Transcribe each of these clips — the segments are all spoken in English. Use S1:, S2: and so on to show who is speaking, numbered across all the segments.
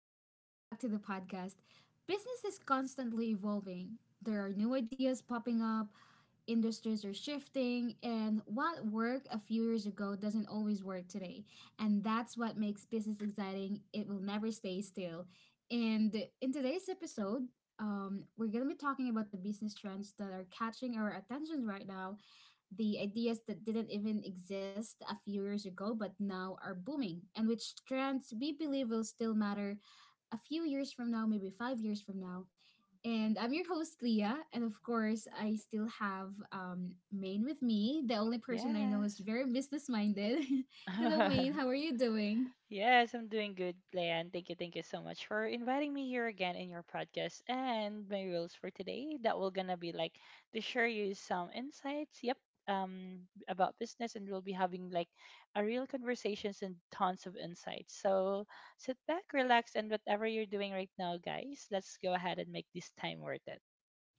S1: and welcome back to the podcast. Business is constantly evolving. There are new ideas popping up, industries are shifting, and what worked a few years ago doesn't always work today. And that's what makes business exciting. It will never stay still. And in today's episode, we're going to be talking about the business trends that are catching our attention right now, the ideas that didn't even exist a few years ago but now are booming, and which trends we believe will still matter a few years from now, maybe 5 years from now. And I'm your host, Leah, and of course, I still have Maine with me. The only person I know is
S2: Yes.
S1: very business minded. Hello, Maine, how are you doing?
S2: Yes, I'm doing good, Leanne. Thank you so much for inviting me here again in your podcast. And my rules for today that we're gonna be like to share you some insights. Yep. Um, about business, and we'll be having like a real conversations and tons of insights. So sit back, relax, and whatever you're doing right now, guys, let's go ahead and make this time worth it.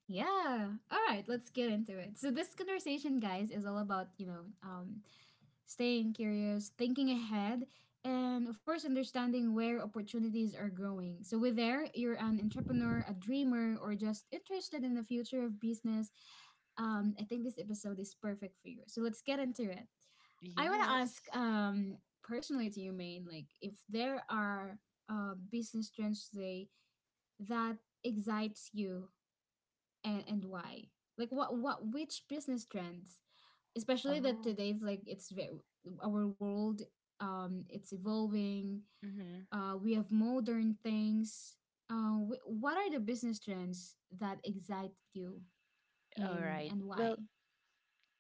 S1: Yeah. All right, let's get into it. So this conversation, guys, is all about, staying curious, thinking ahead, and of course, understanding where opportunities are growing. So, with there, you're an entrepreneur, a dreamer, or just interested in the future of business. I think this episode is perfect for you. So, let's get into it. I want to ask
S2: Yes.
S1: personally to you, Maine, like if there are business trends today that excites you and why? Like what which business trends especially that
S2: Oh.
S1: today's like it's very our world it's evolving
S2: Mm-hmm.
S1: we have modern things what are the business trends that excite you
S2: All
S1: and
S2: right.
S1: and why?
S2: Well,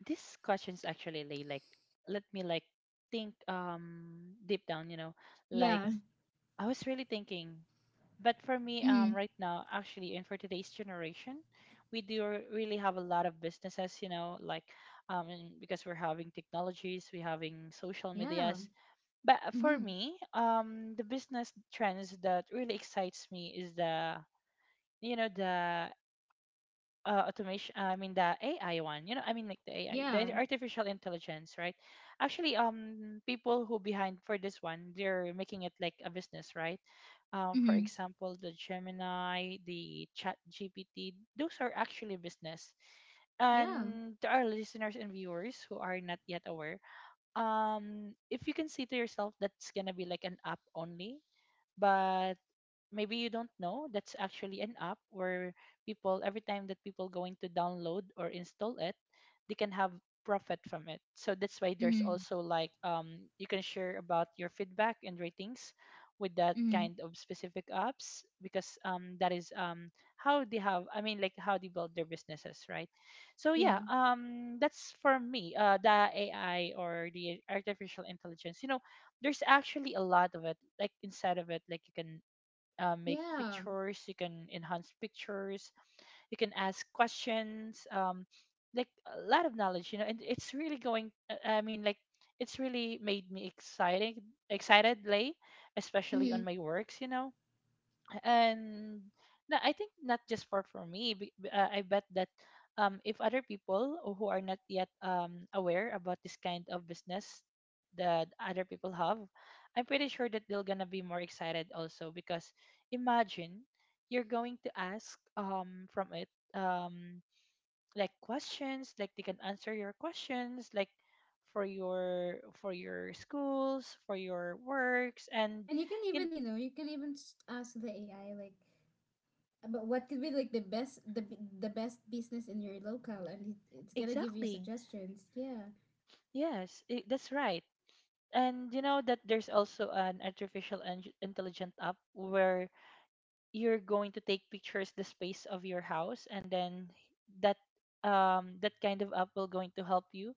S2: these questions actually lay like let me think deep down, you know like
S1: Yeah.
S2: I was really thinking. But for me
S1: Mm-hmm.
S2: right now actually, and for today's generation, we do really have a lot of businesses, you know, and because we're having technologies, we're having social
S1: Yeah.
S2: medias. But for
S1: Mm-hmm.
S2: me the business trends that really excites me is the you know the automation. I mean the AI one, you know. I mean like the AI,
S1: Yeah.
S2: the artificial intelligence, right? Actually, people who behind for this one, they're making it like a business, right? For
S1: Mm-hmm.
S2: example, the Gemini, the Chat GPT, those are actually business.
S1: Yeah.
S2: And to our listeners and viewers who are not yet aware, if you can see to yourself that's gonna be like an app only, but maybe you don't know that's actually an app where people every time that people going to download or install it, they can have profit from it. So that's why there's
S1: Mm-hmm.
S2: also like you can share about your feedback and ratings with that
S1: Mm-hmm.
S2: kind of specific apps, because that is how they have. I mean like how they build their businesses, right? So yeah,
S1: Yeah.
S2: that's for me, the AI or the artificial intelligence, you know. There's actually a lot of it like inside of it. Like you can make
S1: Yeah.
S2: pictures, you can enhance pictures, you can ask questions, like a lot of knowledge, you know. And it's really going, I mean like it's really made me exciting, excited lay, especially on
S1: Mm-hmm.
S2: my works, you know. And I think not just for me. I bet that if other people who are not yet aware about this kind of business that other people have, I'm pretty sure that they're gonna be more excited also. Because imagine you're going to ask from it um, like questions, like they can answer your questions, like for your schools, for your works, and
S1: And you can
S2: in
S1: even you can even ask the AI like, but what could be like the best business in your local, and it's gonna give you
S2: exactly.
S1: suggestions. Yeah,
S2: Yes, I that's right. And you know that there's also an intelligent app where you're going to take pictures the space of your house, and then that that kind of app will going to help you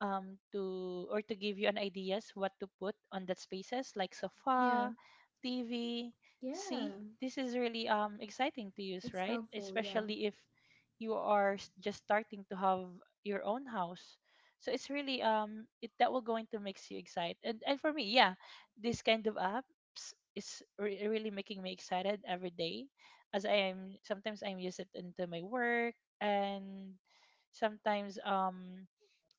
S2: to or to give you an ideas what to put on that spaces, like
S1: yeah,
S2: sofa, tv.
S1: yeah.
S2: See, this is really exciting to use,
S1: It's
S2: right?
S1: helpful. Yeah.
S2: Especially if you are just starting to have your own house. So it's really it that will going to makes you excited. And for me, yeah, this kind of apps is really making me excited every day. As I am, sometimes I'm use it into my work. And sometimes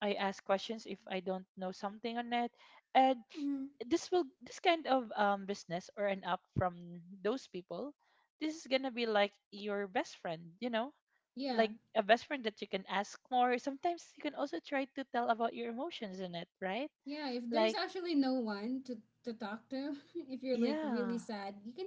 S2: I ask questions if I don't know something on it. And
S1: Mm-hmm.
S2: this kind of business or an app from those people, this is gonna be like your best friend, you know,
S1: Yeah,
S2: like a best friend that you can ask more. Sometimes you can also try to tell about your emotions in it, right?
S1: yeah. If there's
S2: Like
S1: actually no one to talk to, if you're like
S2: yeah,
S1: really sad, you can.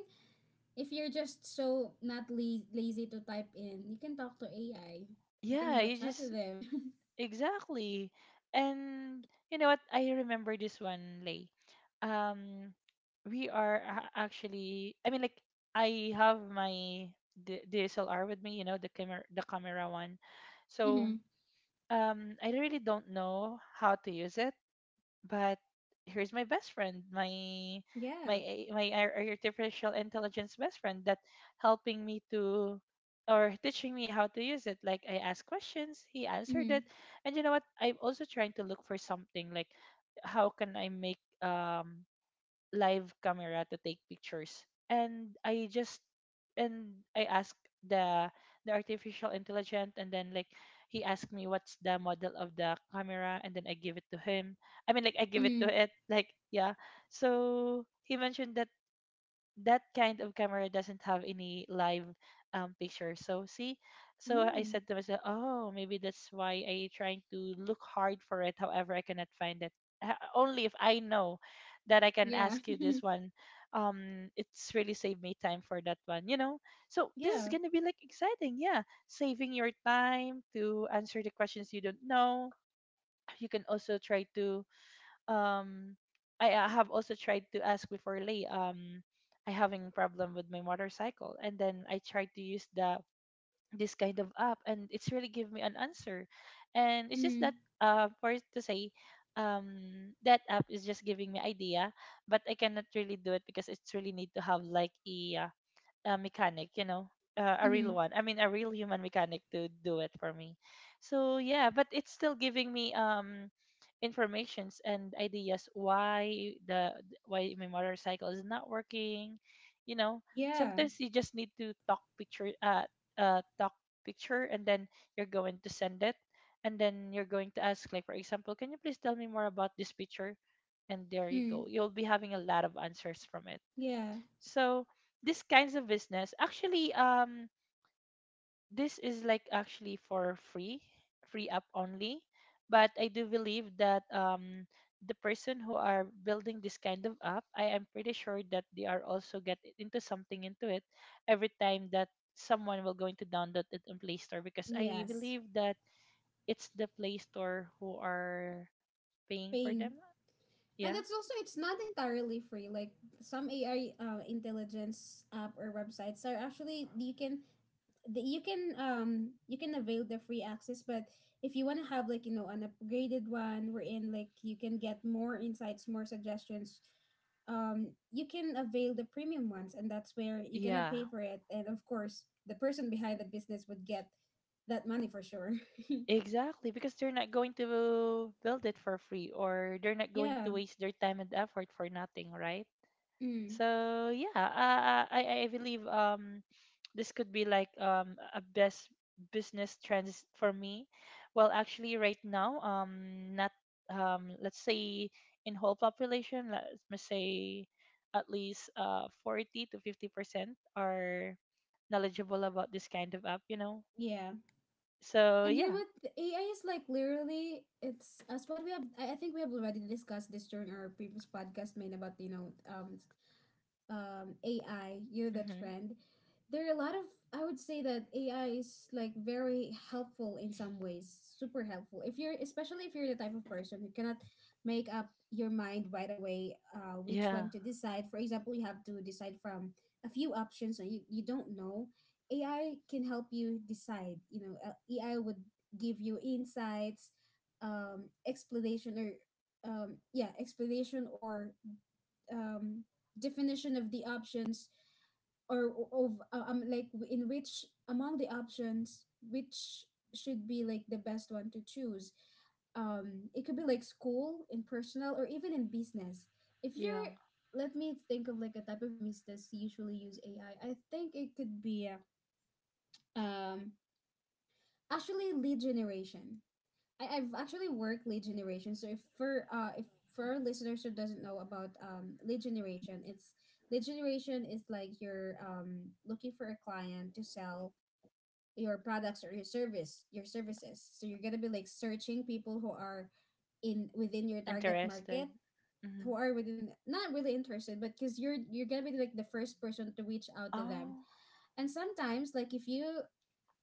S1: If you're just so not lazy to type in, you can talk to AI. You can
S2: yeah,
S1: have a
S2: you
S1: chat with
S2: just
S1: them.
S2: Exactly. And you know what? I remember this one, Lay. Um, actually, I mean, like, I have my DSLR with me, you know, the camera one. So,
S1: Mm-hmm.
S2: I really don't know how to use it, but here's my best friend, my
S1: Yeah.
S2: my a- my ar- artificial intelligence best friend that helping me to or teaching me how to use it. Like I asked questions, he answered
S1: Mm-hmm.
S2: it. And you know what? I'm also trying to look for something like, how can I make live camera to take pictures. And I just and I asked the the artificial intelligence, and then like he asked me what's the model of the camera, and then I give it to him. I mean like I give it
S1: Mm-hmm.
S2: to it, like, yeah. So he mentioned that that kind of camera doesn't have any live picture. So see, so I
S1: Oh.
S2: said to myself, oh, maybe that's why I trying to look hard for it. However, I cannot find it. Only if I know that I can
S1: Yeah.
S2: ask you this one. It's really saved me time for that one, you know. So this is
S1: Yeah.
S2: gonna be like exciting, yeah. Saving your time to answer the questions you don't know. You can also try to um I have also tried to ask before Lee. I having problem with my motorcycle, and then I tried to use the this kind of app, and it's really give me an answer. And it's just
S1: Mm-hmm.
S2: that for it to say, that app is just giving me idea, but I cannot really do it because it's really need to have like a a mechanic, you know, a real
S1: Mm-hmm.
S2: one. I mean, a real human mechanic to do it for me. So yeah, but it's still giving me informations and ideas why the why my motorcycle is not working. You know,
S1: Yeah.
S2: sometimes you just need to talk picture, and then you're going to send it, and then you're going to ask, like for example, can you please tell me more about this picture? And there you
S1: Mm.
S2: go. You'll be having a lot of answers from it.
S1: Yeah.
S2: So these kinds of business actually this is like actually for free, free app only. But I do believe that the person who are building this kind of app, I am pretty sure that they are also get into something into it every time that someone will going to download it in Play Store, because I
S1: Yes.
S2: believe that it's the Play Store who are paying for
S1: Paying.
S2: them.
S1: And
S2: Yeah.
S1: it's also it's not entirely free. Like some AI intelligence app or websites are actually you can you can you can avail the free access, but if you want to have like, you know, an upgraded one wherein like you can get more insights, more suggestions, you can avail the premium ones, and that's where you're gonna
S2: Yeah.
S1: pay for it. And of course, the person behind the business would get that money for sure.
S2: Exactly, because they're not going to build it for free, or they're not going
S1: Yeah.
S2: to waste their time and effort for nothing, right?
S1: Mm.
S2: So yeah, I believe this could be like a best business trends for me. Well, actually, right now not let's say in whole population, let's me say at least 40 to 50% are knowledgeable about this kind of app, you know.
S1: Yeah.
S2: So
S1: And you know
S2: yeah,
S1: what? The AI is like literally, it's as what we have, I think we have already discussed this during our previous podcast made about, AI, you're the
S2: hmm,
S1: trend. There are a lot of, I would say that AI is like very helpful in some ways, super helpful. If you're, especially if you're the type of person who cannot make up your mind right away, which
S2: yeah.
S1: one to decide. For example, you have to decide from a few options and you don't know. AI can help you decide. You know, AI would give you insights, explanation or yeah, explanation or um, definition of the options or of like in which among the options which should be like the best one to choose. It could be like school in personal or even in business if you're,
S2: Yeah.
S1: let me think of like a type of business usually use AI. I think it could be uh, um actually lead generation. I've actually worked lead generation. So if for our listeners who doesn't know about lead generation, it's lead generation is like you're looking for a client to sell your products or your services. So you're gonna be like searching people who are in within your target
S2: Interested.
S1: market,
S2: Hmm.
S1: who are within, not really interested, but because you're gonna be like the first person to reach out to them.
S2: Oh,
S1: And sometimes like if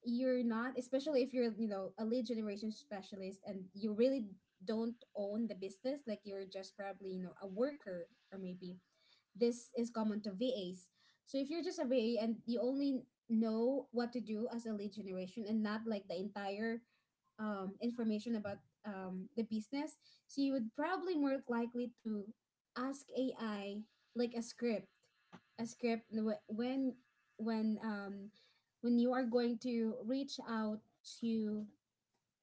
S1: you're not, especially if you're, you know, a lead generation specialist and you really don't own the business, like you're just probably, you know, a worker, or maybe this is common to VAs. So if you're just a VA and you only know what to do as a lead generation and not like the entire information about the business, so you would probably more likely to ask AI like a script when um, when you are going to reach out to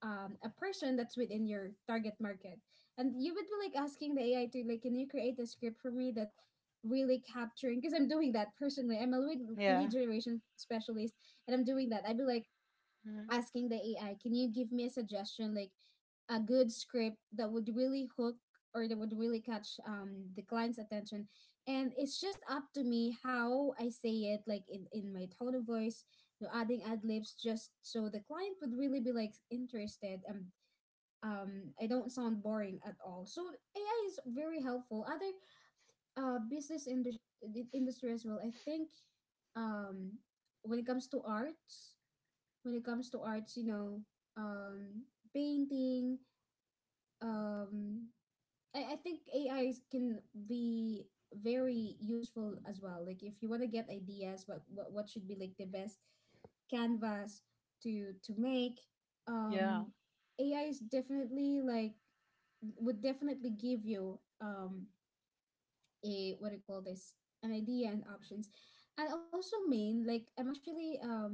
S1: a person that's within your target market, and you would be like asking the AI to like, can you create a script for me that really capturing, because I'm doing that personally. I'm a lead, lead
S2: yeah.
S1: generation specialist and I'm doing that. I'd be like
S2: Hmm.
S1: asking the AI, can you give me a suggestion like a good script that would really hook or that would really catch the client's attention? And it's just up to me how I say it, like in my tone of voice, you know, adding ad libs just so the client would really be like interested and I don't sound boring at all. So AI is very helpful. Other business industry as well. I think um when it comes to arts, when it comes to arts, you know, um, painting. Um, I think AIs can be very useful as well. Like if you want to get ideas, what should be like the best canvas to make.
S2: Yeah.
S1: Um, AI is definitely like, would definitely give you a, what do you call this, an idea and options. And also main like I'm actually um,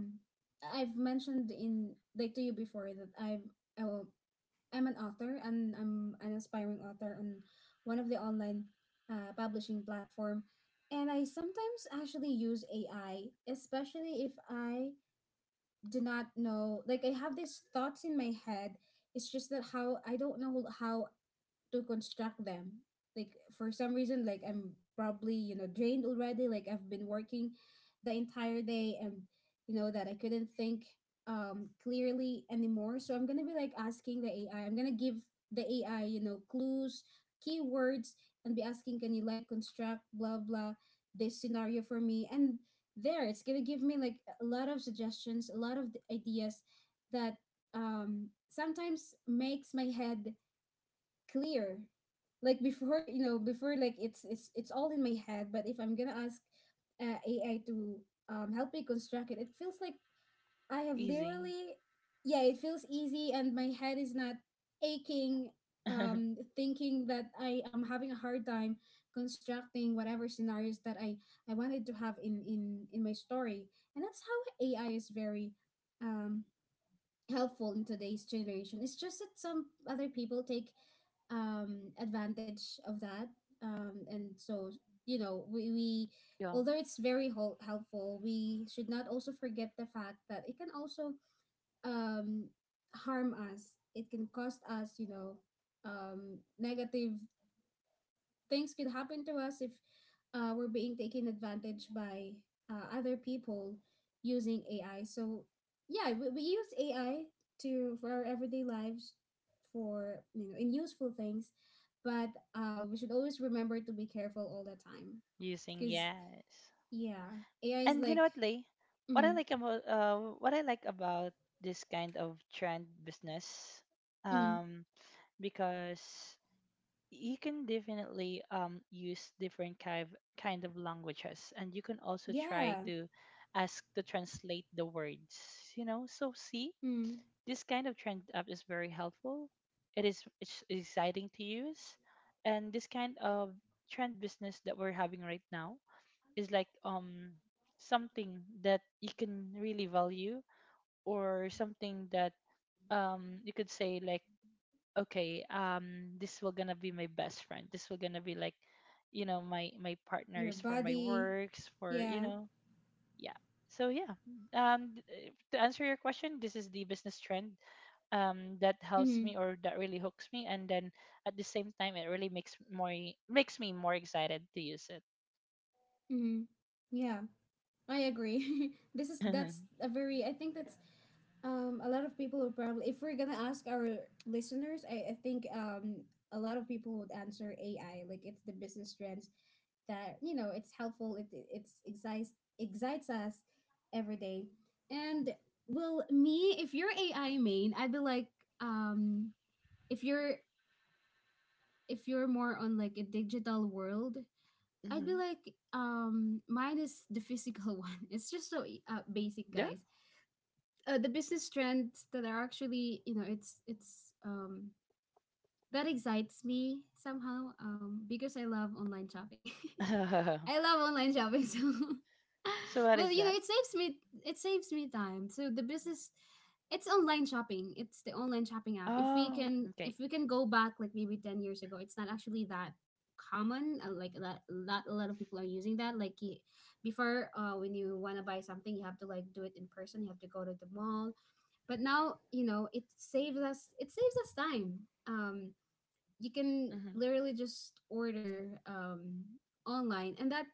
S1: I've mentioned in, like to you before, that I'm uh, I'm an author and I'm an aspiring author on one of the online publishing platform, and I sometimes actually use AI, especially if I do not know, like I have these thoughts in my head, it's just that how, I don't know how to construct them. Like for some reason, like I'm probably, you know, drained already, like I've been working the entire day, and you know that I couldn't think clearly anymore. So I'm gonna be like asking the AI, I'm gonna give the AI, you know, clues, keywords, and be asking, can you like construct blah blah this scenario for me? And there, it's gonna give me like a lot of suggestions, a lot of ideas that um sometimes makes my head clear. Like before, you know, before, like it's all in my head, but if I'm gonna ask AI to help me construct it, it feels like I have
S2: Easy.
S1: literally, yeah, it feels easy, and my head is not aching thinking that I am having a hard time constructing whatever scenarios that I wanted to have in my story. And that's how AI is very um helpful in today's generation. It's just that some other people take advantage of that, and
S2: yeah.
S1: so, you know, we, although it's very helpful, we should not also forget the fact that it can also um, harm us. It can cost us, you know, negative things could happen to us if we're being taken advantage by other people using AI. So yeah, we use AI to, for our everyday lives, for, you know, in useful things, but we should always remember to be careful all the time,
S2: Using
S1: because
S2: yes.
S1: yeah, AI is
S2: And you know
S1: like,
S2: what, Lay? What I
S1: mm,
S2: like about what I like about this kind of trend business,
S1: mm,
S2: um, because you can definitely use different kind of languages, and you can also try
S1: yeah,
S2: to ask to translate the words. You know, so see,
S1: mm,
S2: this kind of trend app is very helpful. It's exciting to use, and this kind of trend business that we're having right now is like something that you can really value, or something that you could say like, okay, this will gonna be my best friend. This will gonna be like, you know, my
S1: your
S2: partners for my
S1: body,
S2: works, for you
S1: yeah,
S2: know, yeah. So yeah, to answer your question, this is the business trend that helps
S1: mm,
S2: me or that really hooks me, and then at the same time, it really makes me more excited to use it.
S1: mm, yeah. I agree. This is, that's a very, I think that's a lot of people would probably, if we're gonna ask our listeners, I think a lot of people would answer AI. Like it's the business trends that, you know, it's helpful. It- it's excites excites us every day. And well, me, if you're AI main, I'd be like, um, if you're, if you're more on like a digital world, I'd be
S2: hmm.
S1: like, mine is the physical one. It's just so basic,
S2: Yeah.
S1: guys. The business trends that are actually, you know, it's that excites me somehow, because I love online shopping. I love online shopping, so
S2: So what
S1: well,
S2: is
S1: you know,
S2: that?
S1: it saves me time. So the business, it's online shopping, it's the online shopping app.
S2: Oh, okay.
S1: If we can go back like maybe 10 years ago, it's not actually that common. Like that, not a lot of people are using that. Before, when you want to buy something, you have to like do it in person, you have to go to the mall. But now, you know, it saves us time. um you can
S2: Mm-hmm.
S1: literally just order online. And that,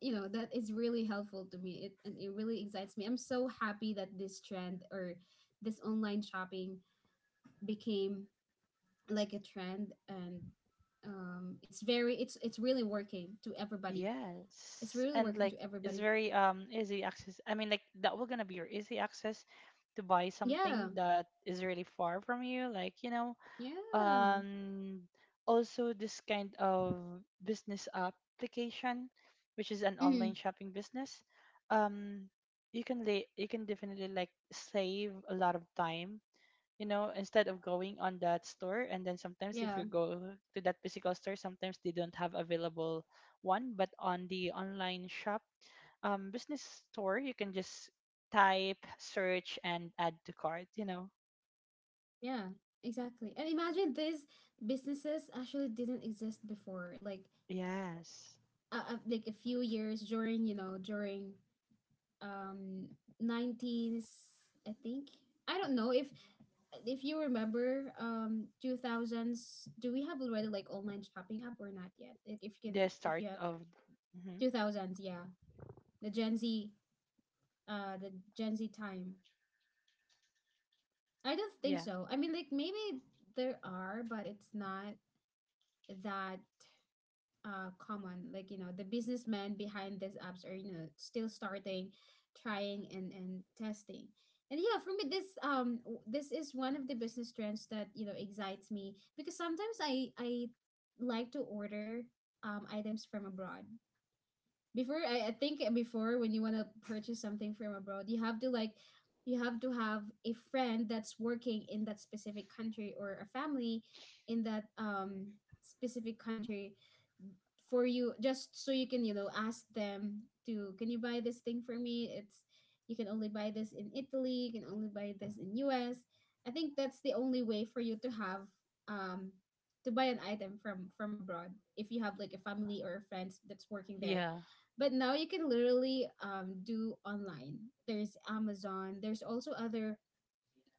S1: you know, that is really helpful to me. It And it really excites me. I'm so happy that this trend, or this online shopping, became like a trend. And it's very, it's really working to everybody. It's
S2: Yes.
S1: really
S2: And
S1: working
S2: like
S1: to
S2: it's
S1: everybody.
S2: very easy access. I mean like that will gonna be your easy access to buy
S1: Yeah,
S2: something that is really far from you. Like, you know,
S1: yeah.
S2: um also this kind of business application, which is an
S1: mm,
S2: online shopping business, um you can lay, you can definitely like save a lot of time. You know, instead of going on that store, and then sometimes if
S1: yeah.
S2: you go to that physical store sometimes they don't have available one, but on the online shop business store, you can just type, search, and add to cart, you know.
S1: Yeah, exactly. And imagine these businesses actually didn't exist before,
S2: Yes,
S1: like a few years during, you know, during um 90s, I think. I don't know if you remember, 2000s, do we have already like online shopping app or not yet? Like if you can,
S2: the
S1: if
S2: start
S1: you have.
S2: of, hmm,
S1: 2000s, yeah. The Gen Z, the Gen Z time. I don't think
S2: yeah,
S1: so. I mean, like maybe there are, but it's not that common. Like, you know, the businessmen behind these apps are, you know, still starting, trying and testing. And yeah, for me, this this is one of the business trends that, you know, excites me. Because sometimes I like to order items from abroad. I think before, when you want to purchase something from abroad, you have to like, you have to have a friend that's working in that specific country, or a family in that specific country for you, just so you can, you know, ask them to, can you buy this thing for me. It's, you can only buy this in Italy, you can only buy this in US. I think that's the only way for you to have um to buy an item from abroad, if you have like a family or a friend that's working there.
S2: yeah,
S1: But now you can literally do online. There's Amazon, there's also other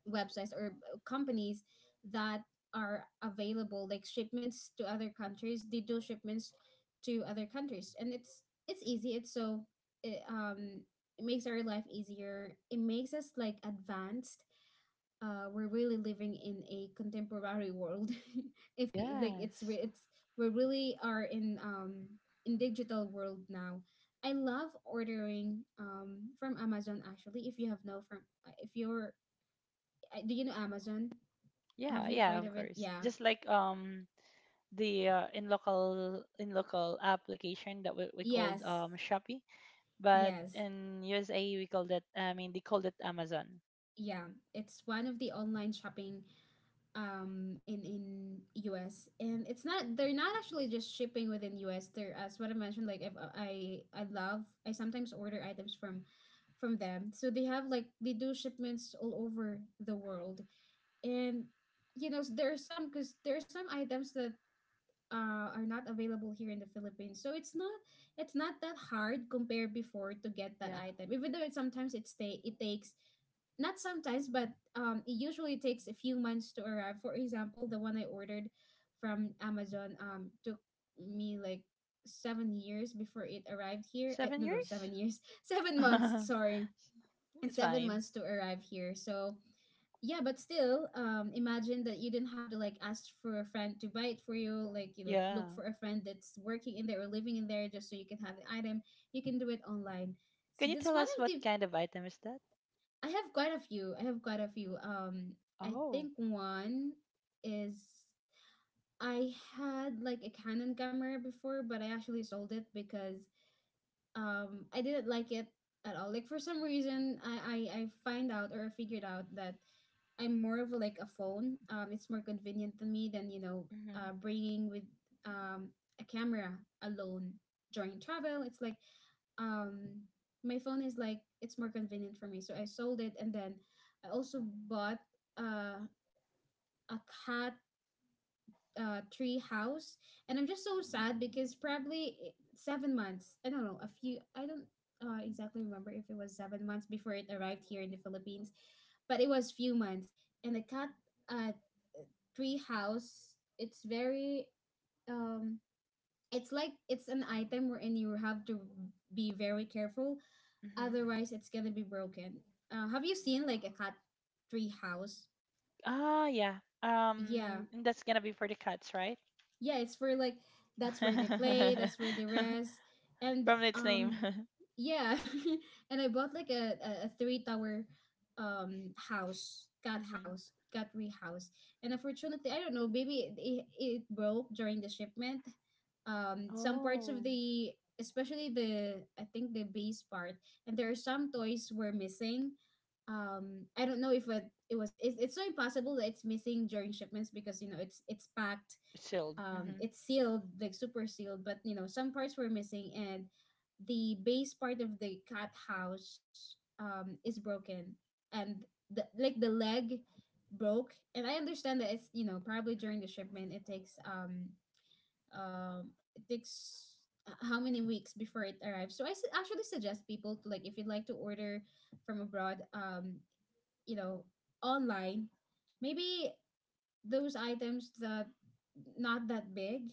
S1: websites or companies that are available like shipments to other countries. They do shipments to other countries, and it's easy, it's so it, um it makes our life easier. It makes us like advanced. We're really living in a contemporary world. if you like it's
S2: yes,
S1: re- It's, we really are in digital world now. I love ordering from Amazon. Actually, if you have no from if you're do you know Amazon, have
S2: yeah,
S1: you
S2: yeah,
S1: heard
S2: of
S1: of it?
S2: course,
S1: Yeah.
S2: just like the in local application that we
S1: Yes.
S2: called Shopee, but
S1: Yes.
S2: in USA we called it. I mean they called it Amazon.
S1: Yeah. It's one of the online shopping in US, and it's not, they're not actually just shipping within US. They're, as what I mentioned, like if I sometimes order items from them. So they have like, they do shipments all over the world. And you know, there are some, cuz there are some items that are not available here in the Philippines. So it's not, it's not that hard compared before to get that
S2: Yeah,
S1: item. Even though it takes, not sometimes, but it usually takes a few months to arrive. For example, the one I ordered from Amazon took me like 7 years before it arrived here.
S2: seven
S1: No, no,
S2: years
S1: 7 years, 7 months. Sorry, and
S2: It's
S1: seven
S2: fine,
S1: months to arrive here. So yeah, but still imagine that you didn't have to like ask for a friend to buy it for you, like, you know,
S2: yeah.
S1: look for a friend that's working in there or living in there just so you can have the item. You can do it online.
S2: Can
S1: So
S2: you
S1: this
S2: tell
S1: one
S2: us
S1: of
S2: what
S1: the,
S2: kind of item is that?
S1: I have quite a few, I have quite a few. I
S2: Oh,
S1: think one is, I had like a Canon camera before, but I actually sold it because I didn't like it at all. Like for some reason, I find out or figured out that I'm more of like a phone. It's more convenient to me than, you know,
S2: mm-hmm,
S1: bringing with um a camera alone during travel. It's like um my phone is like, it's more convenient for me. So I sold it, and then I also bought uh a cat tree house. And I'm just so sad because probably 7 months, I don't know, a few, I don't exactly remember if it was 7 months before it arrived here in the Philippines, but it was few months. And the cat uh tree house, it's very um it's like, it's an item wherein you have to be very careful,
S2: mm-hmm.
S1: otherwise it's gonna be broken. Uh, have you seen like a cat tree house?
S2: Ah yeah,
S1: Yeah,
S2: and that's gonna be for the cats, right?
S1: yeah, it's for like, that's where they play, that's where they rest. And
S2: From its name.
S1: yeah. And I bought like a three tower
S2: hmm.
S1: house cat tree house. And unfortunately, I don't know, maybe it broke during the shipment. Some parts
S2: Oh.
S1: of the, especially the I think the base part, and there are some toys were missing. I don't know if it was it's so impossible that it's missing during shipments because, you know, it's packed,
S2: Sealed. Hmm.
S1: it's sealed, like super sealed. But you know, some parts were missing, and the base part of the cat house is broken. And the, like the leg, broke. And I understand that it's, you know, probably during the shipment, it takes um it takes, how many weeks before it arrives. So actually suggest people to like, if you'd like to order from abroad, you know, online, maybe those items that not that big,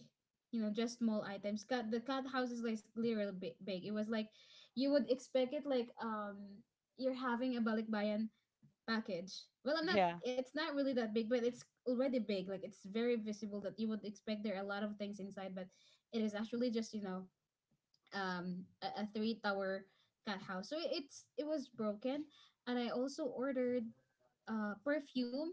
S1: you know, just small items. Cat, the cat house is like literally big, big. It was like, you would expect it like you're having a balikbayan package. Well, I'm not,
S2: Yeah.
S1: it's not really that big, but it's already big. Like it's very visible that you would expect there are a lot of things inside, but it is actually just, you know, a three tower cat house. So it's, it was broken. And I also ordered perfume,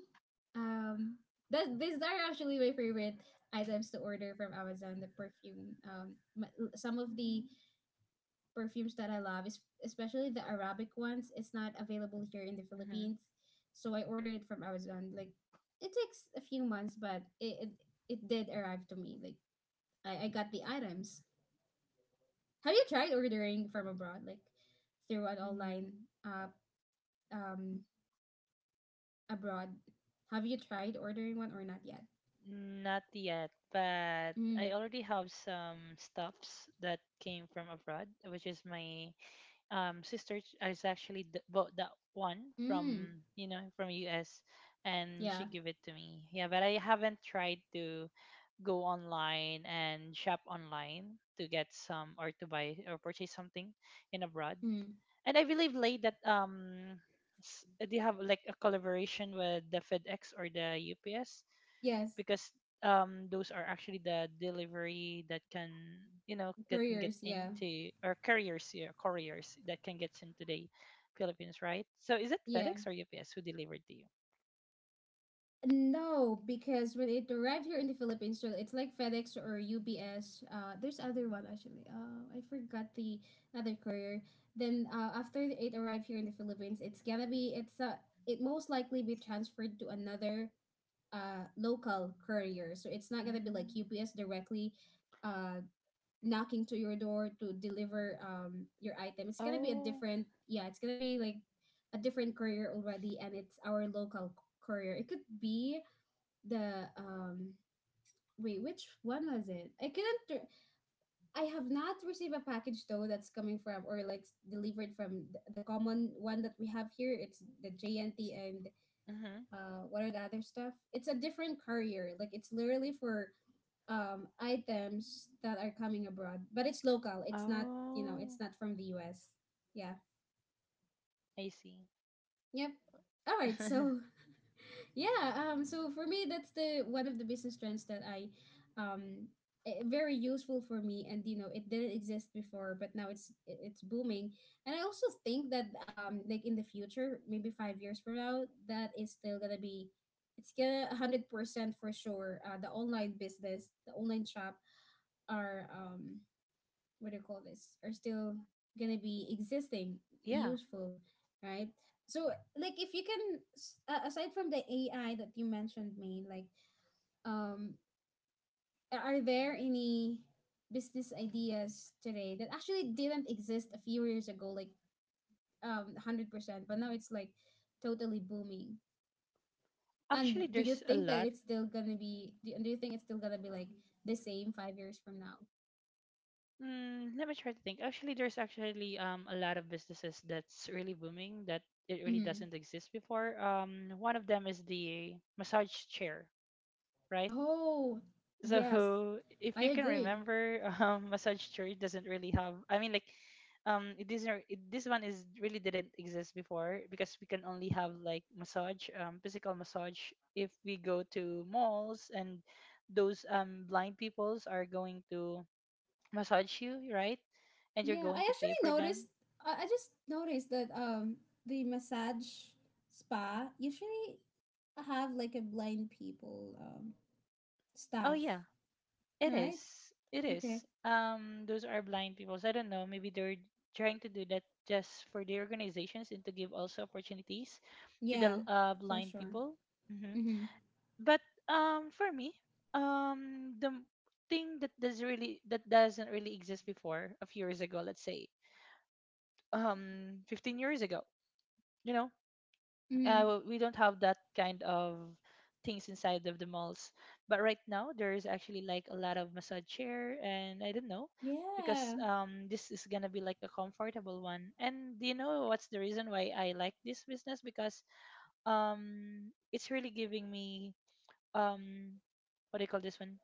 S1: um, that these are actually my favorite items to order from Amazon. The perfume. Some of the perfumes that I love is especially the Arabic ones. It's not available here in the
S2: hmm
S1: Philippines, so I ordered it from Amazon. Like, it takes a few months, but it did arrive to me. Like, I got the items. Have you tried ordering from abroad, like through an
S2: N-
S1: online uh um abroad? Have you tried ordering one or not yet?
S2: Not yet, but I
S1: Mm.
S2: already have some stuffs that came from abroad, which is my sister bought that one
S1: Mm.
S2: from from US, and
S1: Yeah.
S2: she gave it to me. Yeah, but I haven't tried to go online and shop online to get some or to buy or purchase something in abroad.
S1: Hmm.
S2: And I believe late that they have like a collaboration with the FedEx or the UPS
S1: Yes,
S2: because those are actually the delivery that can get
S1: couriers. Yeah,
S2: into or carriers, yeah, couriers that can get into the Philippines, right? So is it
S1: yeah.
S2: FedEx or UPS who delivered to you?
S1: No, because when it arrived here in the Philippines, so it's like FedEx or UPS. There's other one actually. I forgot the other courier. Then after it arrived here in the Philippines, it's gonna be it most likely be transferred to another local courier. So it's not gonna be like
S2: Mm.
S1: UPS directly, uh knocking to your door to deliver your item. It's gonna be a
S2: Oh.
S1: different, yeah, it's gonna be like a different courier already. And it's our local courier. It could be the wait, which one was it, I couldn't I have not received a package though, that's coming from, or like delivered from the common one that we have here, it's the jnt. And
S2: Mm-hmm.
S1: what are the other stuff? It's a different courier. Like it's literally for items that are coming abroad, but it's local. It's not, you know, it's
S2: Oh,
S1: not from the US. Yeah.
S2: I see.
S1: Yep. All right. So, yeah. So for me, that's the one of the business trends that I, um, eh, very useful for me. And you know, it didn't exist before, but now it's booming. And I also think that like in the future, maybe 5 years from now, that is still gonna be, it's gonna 100% for sure. The online business, the online shop are what do you call this, are still gonna be existing,
S2: Yeah,
S1: useful, right? So like, if you can aside from the AI that you mentioned me, like um a- are there any business ideas today that actually didn't exist a few years ago, like 100%, but now it's like totally booming? And
S2: actually,
S1: do you
S2: there's a
S1: think that
S2: lot.
S1: it's still gonna be, do you think it's still gonna be like the same 5 years from now?
S2: Mm, let me try to think. Actually, there's actually a lot of businesses that's really booming that it really
S1: Mm-hmm.
S2: doesn't exist before. One of them is the massage chair, right?
S1: Oh,
S2: So
S1: yes,
S2: if
S1: I
S2: you can
S1: agree.
S2: remember, Massage chair doesn't really have. I mean, like, it isn't. This one is really didn't exist before because we can only have like massage, physical massage if we go to malls, and those blind peoples are going to massage you, right? And you're
S1: Yeah, I
S2: going to pay
S1: actually
S2: for
S1: noticed.
S2: them.
S1: I just noticed that the massage spa usually have like a blind people
S2: Oh
S1: staff,
S2: yeah, it
S1: right?
S2: is. It
S1: Okay.
S2: is. Those are blind people. So I don't know. Maybe they're trying to do that just for the organizations and to give also opportunities to
S1: Yeah,
S2: the
S1: for
S2: blind
S1: sure.
S2: people. Hmm.
S1: Mhm.
S2: But for me, the thing that doesn't really exist before a few years ago, let's say, 15 years ago, you know,
S1: Mhm.
S2: well, we don't have that kind of things inside of the malls. But right now, there is actually like a lot of massage chair, and I don't know because
S1: Yeah.
S2: this is gonna be like a comfortable one. And do you know what's the reason why I like this business? Because it's really giving me um what do you call this one?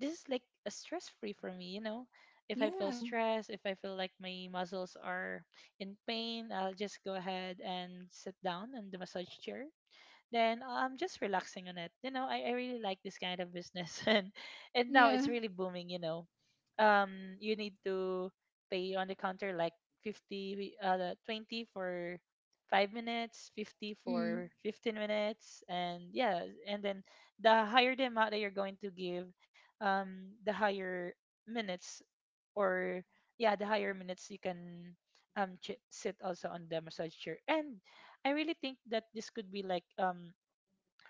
S2: This is like a stress free for me, you know. If I feel
S1: Yeah.
S2: stressed, if I feel like my muscles are in pain, I'll just go ahead and sit down on the massage chair, then I'm just relaxing on it. You know, I really like this kind of business. And now
S1: Yeah.
S2: it's really booming, you know. You need to pay on the counter like 50 uh 20 for 5 minutes, 50
S1: Mm.
S2: for 15 minutes, and yeah, and then the higher the amount that you're going to give, the higher minutes, or yeah, the higher minutes you can sit also on the massage chair. And I really think that this could be like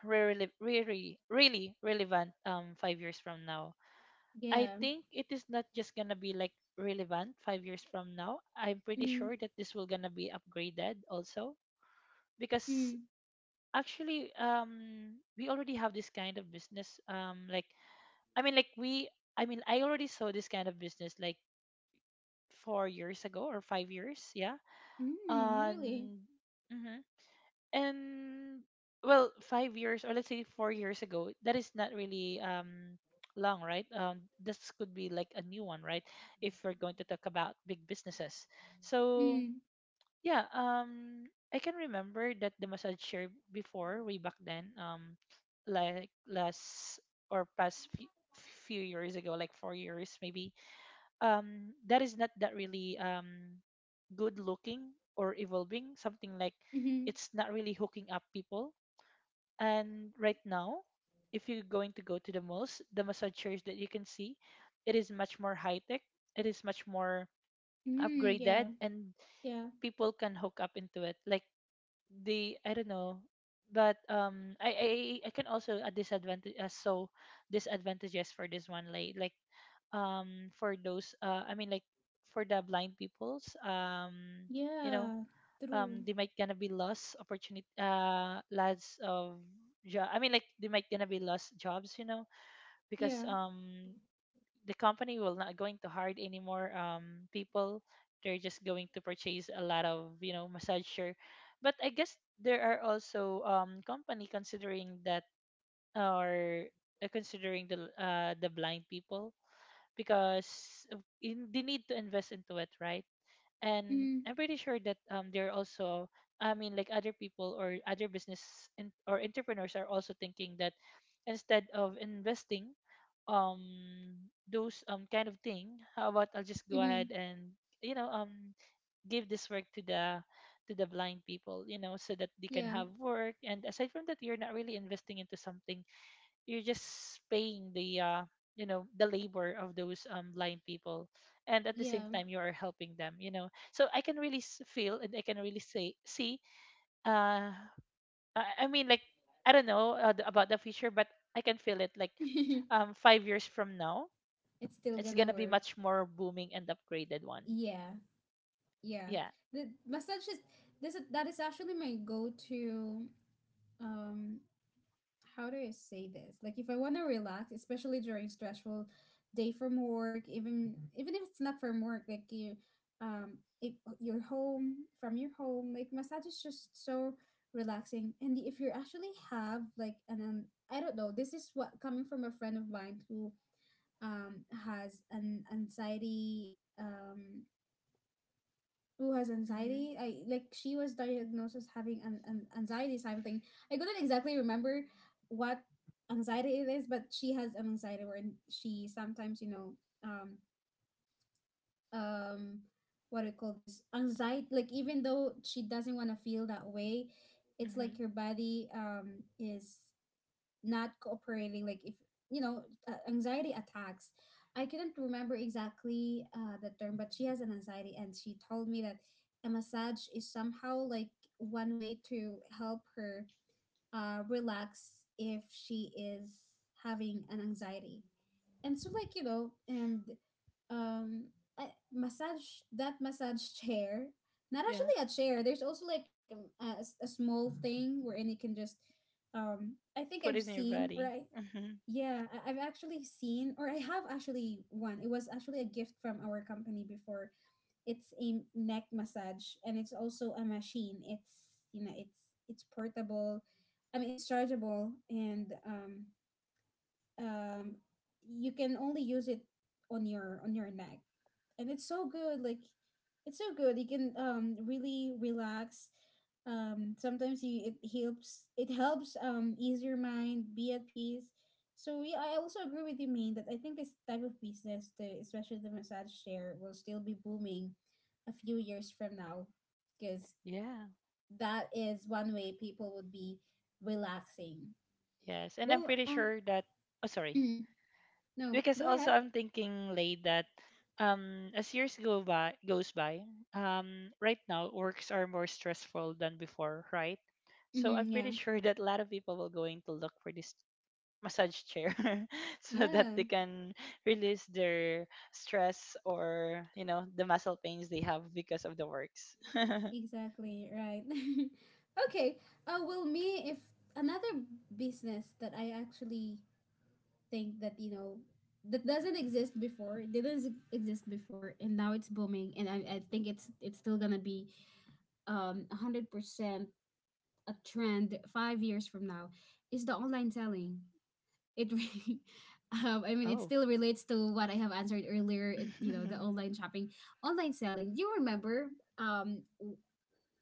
S2: really really really relevant 5 years from now. I
S1: Yeah.
S2: think it is not just going to be like relevant 5 years from now. I'm pretty
S1: Mm.
S2: sure that this will going to be upgraded also because
S1: Mm.
S2: actually we already have this kind of business like i mean like we I mean I already saw this kind of business like 4 years ago or 5 years, yeah.
S1: Mm. Really.
S2: And mhm. And well, 5 years or let's say 4 years ago, that is not really long, right? This could be like a new one, right? If we're going to talk about big businesses. So
S1: Mm.
S2: yeah, I can remember that the massage chair before way back then, like last or past few years ago, like 4 years maybe, that is not that really good looking or evolving, something like
S1: Mhm.
S2: it's not really hooking up people. And right now, if you're going to go to the malls, the massage chairs that you can see, it is much more high tech. It is much more
S1: Mm. Yeah.
S2: upgraded, and
S1: Yeah.
S2: people can hook up into it. Like the I don't know, but I can also a disadvantages for this one, like for those I mean like for the blind peoples. You know,
S1: Yeah. True.
S2: they might gonna be lost opportunity, lots of job, I mean like they might gonna be lost jobs, you know, because
S1: Yeah.
S2: the company will not going to hire anymore people. They're just going to purchase a lot of, you know, massager. But I guess there are also company considering that, or considering the blind people because they need to invest into it, right? And
S1: Mm.
S2: I'm pretty sure that they're also, I mean like other people or other business or entrepreneurs, are also thinking that instead of investing um those kind of thing, how about I'll just go ahead
S1: Mhm.
S2: and, you know, give this work to the blind people, you know, so that they can
S1: Yeah.
S2: have work. And aside from that, you're not really investing into something, you're just paying the you know, the labor of those blind people, and at the same
S1: Yeah.
S2: time you are helping them, you know. So I can really feel, and I can really say, see, uh I mean like I don't know, about the future, but I can feel it like 5 years from now
S1: It's still
S2: it's going
S1: gonna
S2: to be
S1: work.
S2: much more booming and upgraded one.
S1: Yeah, yeah.
S2: Yeah.
S1: The massage is, that is actually my go-to um how do I say this? Like if I want to relax, especially during stressful day from work, even if it's not from work, like you if you're home from your home, like massage is just so relaxing. And if you actually have like an I don't know, this is what coming from a friend of mine who has an anxiety, um who has
S2: Mhm.
S1: anxiety. I like she was diagnosed as having an anxiety something. I couldn't exactly remember what anxiety it is, but she has an anxiety where she sometimes um um what do you call this anxiety, like even though she doesn't want to feel that way, it's like
S2: Mhm.
S1: her body is not cooperating. Like if you know anxiety attacks. I couldn't remember exactly the term, but she has an anxiety and she told me that a massage is somehow like one way to help her relax if she is having an anxiety. And so um massage, that massage chair, not
S2: Yeah,
S1: actually a chair, there's also like a small thing wherein you can just I think I've
S2: put it in your
S1: seen or
S2: body.
S1: I,
S2: Mhm.
S1: yeah, I- I've actually seen, or I have actually one. It was actually a gift from our company before. It's a neck massage, and it's also a machine. It's it's portable. I mean, it's chargeable, and um you can only use it on your neck, and it's so good. Like it's so good, you can really relax. Sometimes you it helps, it helps ease your mind, be at peace. So yeah, I also agree with you, Maine, that I think this type of business, the especially the massage chair, will still be booming a few years from now, because
S2: Yeah.
S1: that is one way people would be relaxing.
S2: Yes, and I'm
S1: Well,
S2: pretty sure that, oh, sorry.
S1: no,
S2: Because
S1: go
S2: also
S1: ahead.
S2: I'm thinking late that as years go by goes by, right now works are more stressful than before, right? So I'm
S1: Mm-hmm, yeah.
S2: pretty sure that a lot of people will going to look for this massage chair so that
S1: Yeah,
S2: they can release their stress, or you know, the muscle pains they have because of the works.
S1: exactly, right. Okay. Well, me, if another business that I actually think that, you know, that doesn't exist before, didn't s- exist before and now it's booming, and I think it's still going to be 100% a trend 5 years from now is the online selling. It really
S2: Oh.
S1: I mean, it still relates to what I have answered earlier. It, you know, the online shopping, online selling. Do you remember um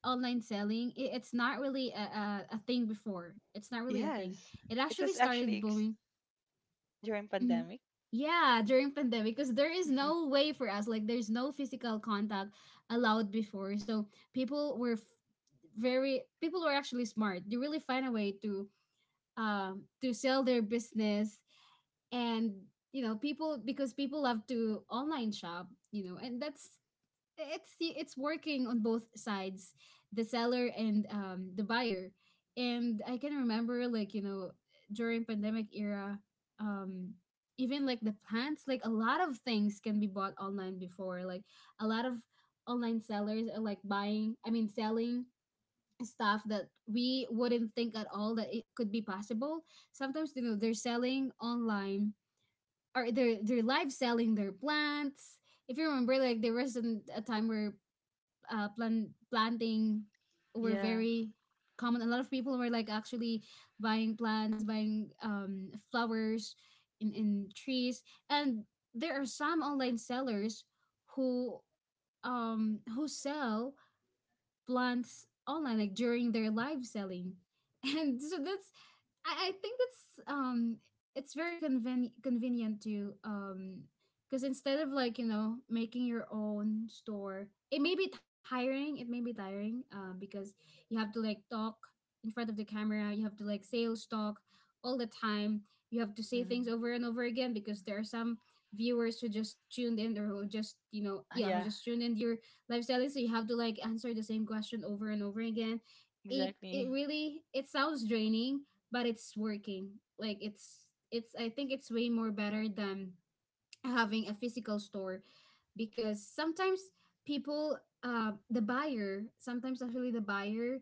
S1: online selling, it's not really a thing before. It's not really a thing.
S2: Yes.
S1: It
S2: It
S1: actually
S2: was actually
S1: started booming.
S2: during
S1: Mhm.
S2: pandemic.
S1: Yeah, during pandemic, because there is no way for us, like there's no physical contact allowed before. So people were f- people were actually smart, they really find a way to sell their business. And you know, people love to online shop, you know, and that's it's working on both sides, the seller and the buyer. And I can remember, like, you know, during pandemic era, um even like the plants, like a lot of things can be bought online before. Like a lot of online sellers are like buying, I mean selling, stuff that we wouldn't think at all that it could be possible. Sometimes, you know, they're selling online, or they're live selling their plants. If you remember, like there was a time where planting were
S2: Yeah.
S1: very common. A lot of people were like actually buying plants, buying flowers, in trees, and there are some online sellers who who sell plants online like during their live selling. And so that's I think that's um it's very convenient to because instead of, like, you know, making your own store, it may be tiring, because you have to like talk in front of the camera, you have to like sales talk all the time, you have to say things
S2: Hmm.
S1: over and over again because there are some viewers who just tuned in, or who just, you know, yeah, who
S2: Yeah,
S1: just tuned in lifestyle is so you have to like answer the same question over and over again. It
S2: exactly.
S1: really, it sounds draining, but it's working. Like it's I think it's way more better than having a physical store, because sometimes people the buyer, sometimes actually the buyer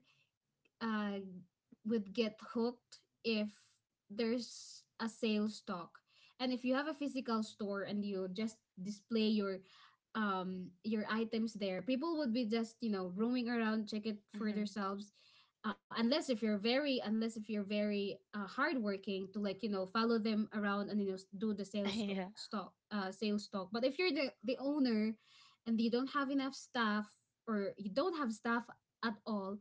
S1: uh, would get hooked if there's a sales talk. And if you have a physical store and you just display your items there, people would be just, you know, roaming around, check it for
S2: Mhm.
S1: themselves. Unless if you're very hardworking to, like, you know, follow them around and, you know, s- do the sales to-
S2: Yeah.
S1: stock sales talk. But if you're the owner and you don't have enough staff, or you don't have staff at all,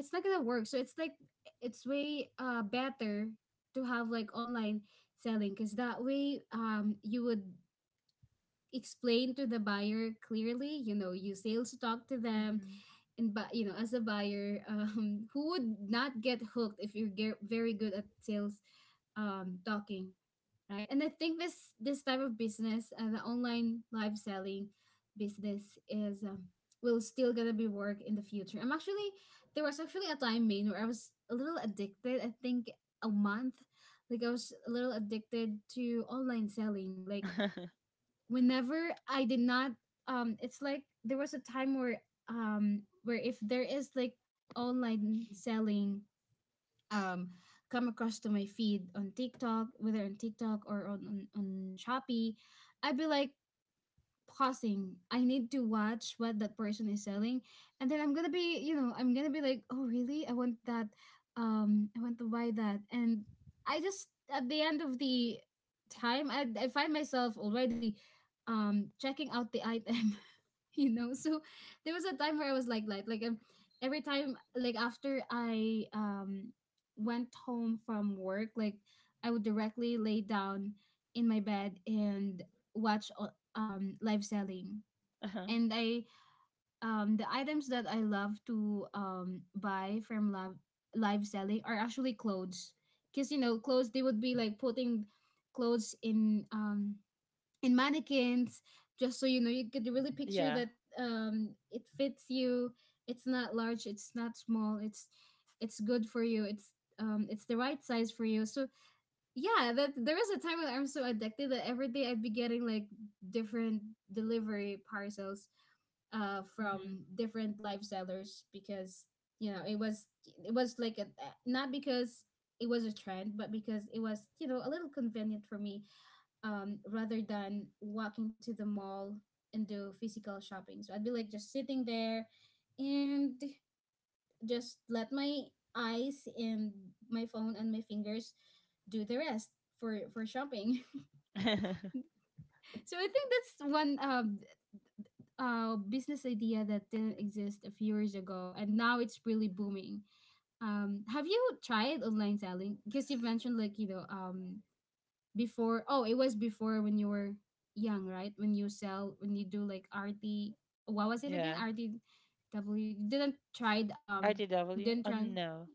S1: it's not gonna work. So it's like it's way better to have like online selling, because that way you would explain to the buyer clearly. You know, you sales talk to them,
S2: Mhm.
S1: and but you know, as a buyer, who would not get hooked if you're very good at sales talking, right? And I think this type of business, the online live selling business, is will still gonna be work in the future. I'm actually there was actually a time, main where I was a little addicted. I think a month, like I was a little addicted to online selling. Like whenever I did not, it's like there was a time where if there is like online selling um, come across to my feed on TikTok, whether on TikTok or on, on Shopee, I'd be like, pausing. I need to watch what that person is selling, and then I'm gonna be, you know, I'm gonna be like, oh really? I want that. I want to buy that, and I just at the end of the time, I find myself already, checking out the item, you know. So there was a time where I was like, every time, like after I went home from work, like I would directly lay down in my bed and watch live selling.
S2: Uh-huh.
S1: And I the items that I love to buy from live selling are actually clothes, because you know, clothes, they would be like putting clothes in mannequins, just so you know you could really picture
S2: Yeah.
S1: that it fits you. It's not large. It's not small. It's good for you. It's the right size for you. So yeah, that there was a time when I'm so addicted that every day I'd be getting like different delivery parcels
S2: Mhm.
S1: from different live sellers, because, you know, it was like a, not because it was a trend, but because it was, you know, a little convenient for me, rather than walking to the mall and do physical shopping. So I'd be like just sitting there, and just let my eyes and my phone and my fingers do the rest for shopping. So I think that's one business idea that didn't exist a few years ago and now it's really booming. Um, have you tried online selling? Because you've mentioned like, you know, before, oh, it was before when you were young, right? When you sell when you do like RT, what was it again?
S2: Yeah.
S1: RTW, you didn't tried you
S2: RTW?
S1: didn't
S2: Oh
S1: try.
S2: no.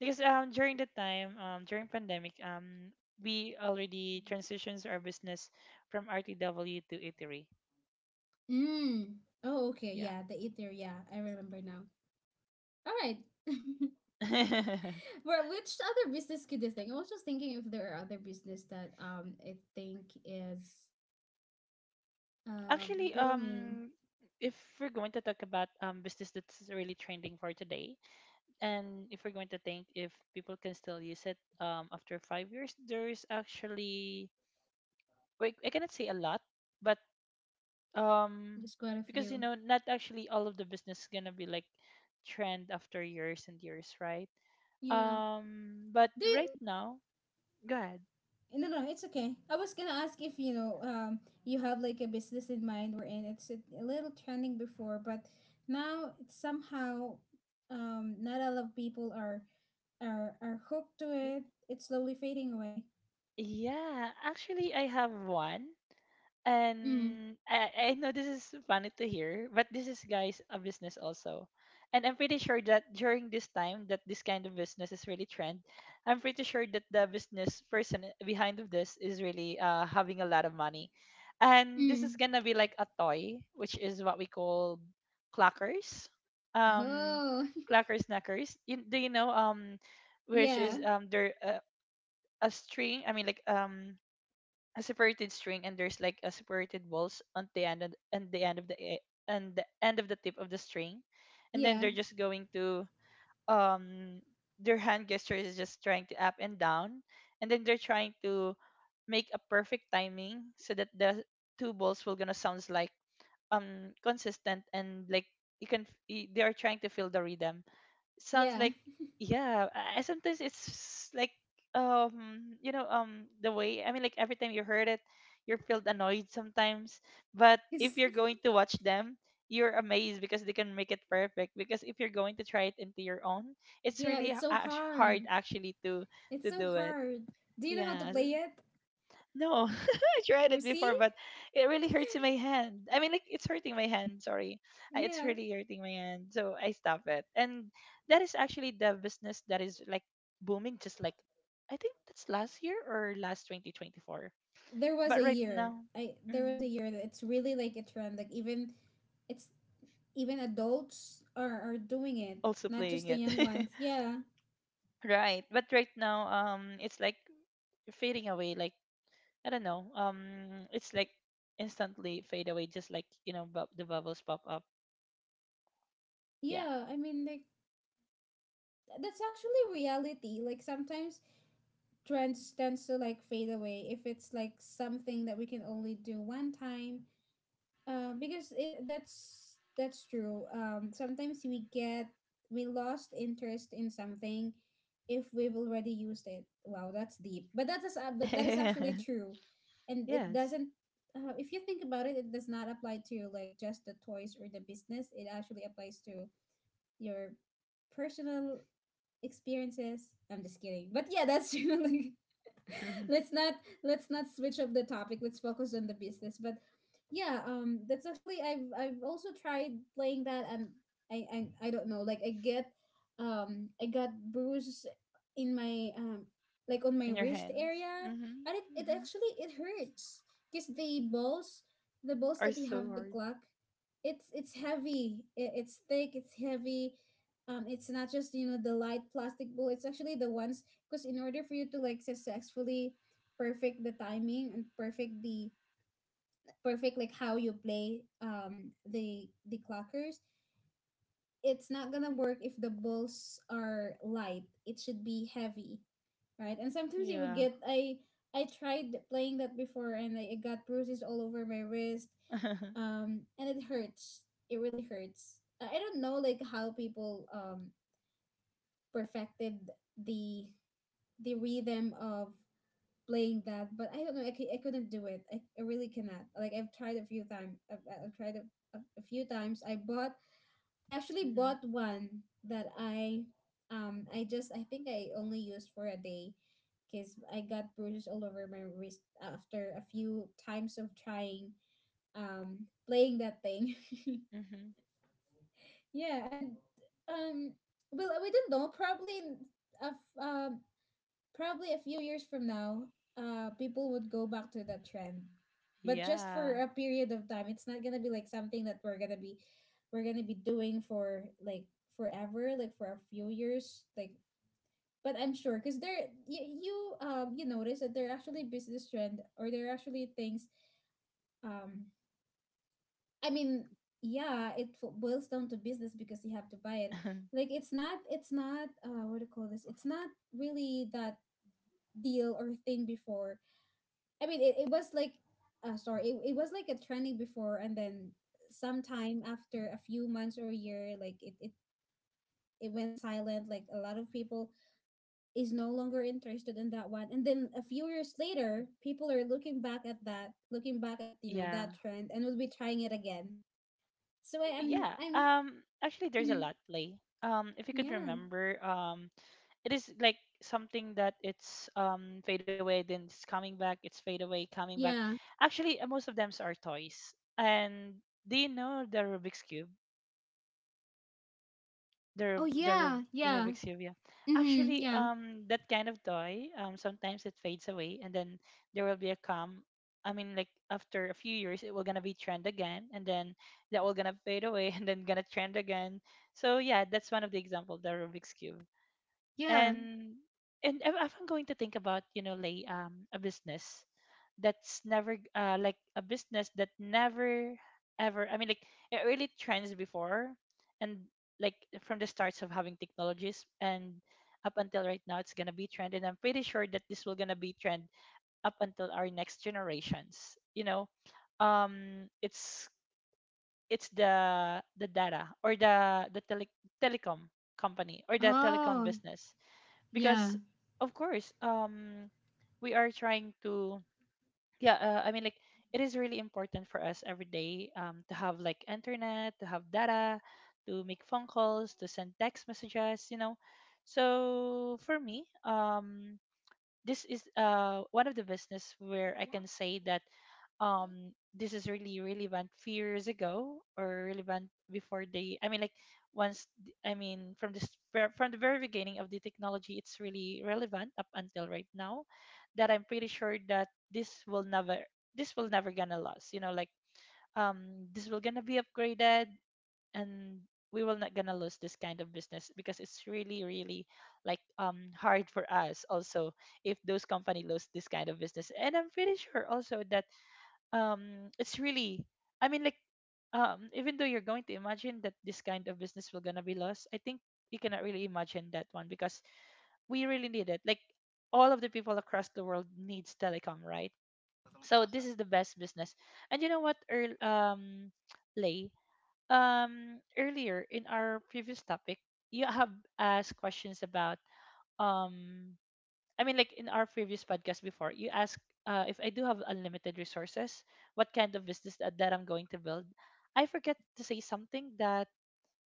S2: Because during the time, during pandemic, we already transitions our business from RTW to eatery.
S1: Mm. Oh, okay.
S2: Yeah.
S1: Yeah, the eater. Yeah, I remember now. All right. Well, which other business could you think? I was just thinking if there are other business that I think is uh
S2: Actually,
S1: booming.
S2: if we're going to talk about business that's really trending for today, and if we're going to think if people can still use it after 5 years, there's actually, like, I cannot say a lot, but um
S1: There's quite a
S2: because you
S1: few.
S2: know not actually all of the business is gonna be like trend after years and years, right?
S1: Yeah.
S2: But
S1: Do you,
S2: right now, go ahead.
S1: no no it's okay. I was gonna ask if you know, you have like a business in mind we're in. It's a little trending before, but now it's somehow not a lot of people are hooked to
S2: Y-
S1: it. It's slowly fading away.
S2: Yeah, actually I have one.
S1: Mm,
S2: And I know this is funny to hear, but this is guys a business also. And I'm pretty sure that during this time that this kind of business is really trend, I'm pretty sure that the business person behind of this is really having a lot of money. And this
S1: mm.
S2: is gonna be like a toy, which is what we call clackers. Um,
S1: Oh,
S2: clackers knackers. Do you know which is
S1: yeah,
S2: there, a string, I mean like a separated string, and there's like a separated balls on the end, and the end of the tip of the string, and then
S1: yeah,
S2: they're just going to um their hand gesture is just trying to up and down, and then they're trying to make a perfect timing so that the two balls will gonna sounds like consistent, and like you can they are trying to feel the rhythm sounds
S1: yeah.
S2: like. Yeah, I sometimes it's like the way, I mean like, every time you heard it you're felt annoyed sometimes, but
S1: It's,
S2: if you're going to watch them, you're amazed because they can make it perfect. Because if you're going to try it into your own, it's
S1: yeah,
S2: really
S1: it's so
S2: hard
S1: hard.
S2: actually to
S1: It's so
S2: do it.
S1: hard. Do you know how to
S2: Yeah.
S1: play it?
S2: No, I tried
S1: Or
S2: it
S1: see?
S2: before, but it really hurts in my hand. I mean, like it's hurting my hand. Sorry. It's
S1: Yeah.
S2: really hurting my hand, so I stop it. And that is actually the business that is like booming, just like, I think, that's last year or last 2024.
S1: There was
S2: But
S1: a
S2: right
S1: year.
S2: now,
S1: I There was a
S2: mm,
S1: year that it's really like a trend. Like it's even adults are doing it,
S2: also
S1: not
S2: playing
S1: just the
S2: it.
S1: young ones. Yeah.
S2: Right, but right now, it's like fading away. Like I don't know, it's like instantly fade away, just like, you know, the bubbles pop up. Yeah.
S1: Yeah. I mean, like, that's actually reality. Like sometimes trends tends to like fade away if it's like something that we can only do one time. That's true. Sometimes we lost interest in something if we've already used it. Wow, that's deep. But that is actually true, and it
S2: Yes.
S1: doesn't. If you think about it, it does not apply to like just the toys or the business. It actually applies to your personal experiences. I'm just kidding. But yeah, that's true. let's not let's not switch up the topic. Let's focus on the business. But yeah, that's actually I've also tried playing that, and I don't know. Like I get, I got bruise in my like on my
S2: And your
S1: wrist
S2: hands.
S1: area,
S2: hmm
S1: and it
S2: hmm
S1: actually it hurts because the balls
S2: are
S1: that you
S2: so
S1: have to
S2: hard.
S1: clock, it's heavy. It's thick. It's heavy. It's not just, you know, the light plastic ball. It's actually the ones because in order for you to like successfully perfect the timing and perfect the perfect like how you play the clockers. It's not gonna work if the balls are light, it should be heavy, right? And sometimes you would
S2: Yeah.
S1: get I tried playing that before, and I got bruises all over my wrist
S2: Hmm.
S1: and it hurts. It really hurts. I don't know like how people perfected the rhythm of playing that, but I don't know. I couldn't do it. I really cannot. Like I've tried a few times. I've tried a few times. I actually bought one that I just I think I only used for a day, because I got bruises all over my wrist after a few times of trying playing that thing.
S2: Hmm.
S1: Yeah, and um well, we didn't know probably. Of um, Probably a few years from now, people would go back to that trend, but just
S2: Yeah.
S1: for a period of time. It's not gonna be like something that we're gonna be doing for like forever, like for a few years, like. But I'm sure, cause there you you notice that there are actually business trend, or there are actually things um I mean yeah, it boils down to business because you have to buy it. Like it's not, it's not what do you call this, it's not really that deal or thing before. I mean, it was like, it was like a trending before, and then sometime after a few months or year, like it went silent. Like a lot of people is no longer interested in that one. And then a few years later, people are looking back at that, looking back at, you know,
S2: Yeah.
S1: that trend, and will be trying it again. So
S2: Yeah.
S1: I'm,
S2: Actually, there's a
S1: mhm,
S2: lot play. If you could
S1: yeah.
S2: remember, it is like something that it's fade away, then it's coming back. It's fade away, coming back.
S1: Yeah.
S2: Actually, most of them are toys. And do you know the Rubik's cube? the
S1: Oh
S2: Rub- the Rub-
S1: yeah,
S2: the
S1: yeah.
S2: Rubik's Cube, yeah.
S1: Mhm.
S2: Actually,
S1: Yeah.
S2: that kind of toy, sometimes it fades away, and then there will be a come. I mean, like after a few years, it will gonna be trend again, and then that will gonna fade away, and then gonna trend again. So yeah, that's one of the example, the Rubik's Cube.
S1: Yeah.
S2: And and if I'm going to think about, you know, lay a business, that's never like a business that never ever, I mean, like it really trends before, and like from the starts of having technologies and up until right now, it's gonna be trend. And I'm pretty sure that this will gonna be trend up until our next generations, you know. It's it's the data, or the telecom company, or the telecom
S1: Oh,
S2: business. Because
S1: yeah.
S2: of course, we are trying to, yeah, I mean, like it is really important for us every day, to have like internet, to have data, to make phone calls, to send text messages, you know. So for me, this is one of the business where I can say that this is really relevant few years ago, or relevant before. They I mean, like once I mean from this from the very beginning of the technology, it's really relevant up until right now, that I'm pretty sure that this will never gonna last, you know. Like this will gonna be upgraded, and we will not gonna lose this kind of business, because it's really, really like hard for us also if those company lose this kind of business. And I'm pretty sure also that it's really, I mean, like, even though you're going to imagine that this kind of business will gonna be lost, I think you cannot really imagine that one, because we really need it, like all of the people across the world needs telecom, right? So this is the best business. And you know what, Earl, lay earlier in our previous topic, you have asked questions about, um I mean, like in our previous podcast before, you asked if I do have unlimited resources,
S1: Mhm.
S2: what kind of business that, I'm going to build. I forget to say something, that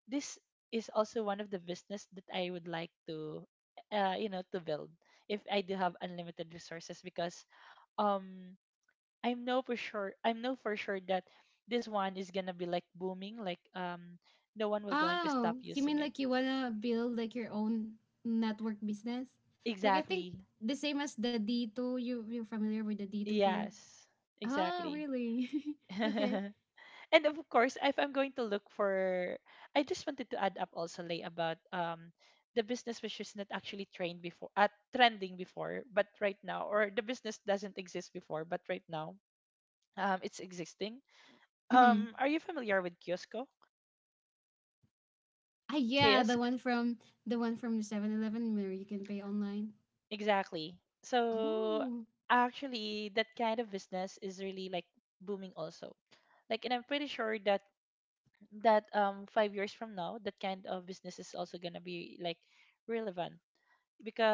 S2: this is also one of the business that I would like to you know, to build if I do have unlimited resources, because um I know for sure that this one is gonna be like booming, like, no one will going to
S1: Oh,
S2: stop
S1: you
S2: using
S1: mean
S2: it.
S1: like you wanna build like your own network business? Like I think
S2: Exactly.
S1: the same as the D2, you're familiar with the D2 here.
S2: Yes.
S1: Oh,
S2: Exactly.
S1: really? Okay.
S2: And of course, if I'm going to look for, I just wanted to add up also, Lay, about the business which is not actually trained before, at trending before, but right now. Or the business doesn't exist before, but right now it's existing.
S1: Mm-hmm.
S2: Are you familiar with Kiosko?
S1: Ah, yeah, the
S2: Kiosk?
S1: one from the one from the 7-Eleven where you can pay online.
S2: Exactly. So
S1: Oh.
S2: actually, that kind of business is really like booming also. Like, and I'm pretty sure that 5 years from now, that kind of business is also gonna be like relevant,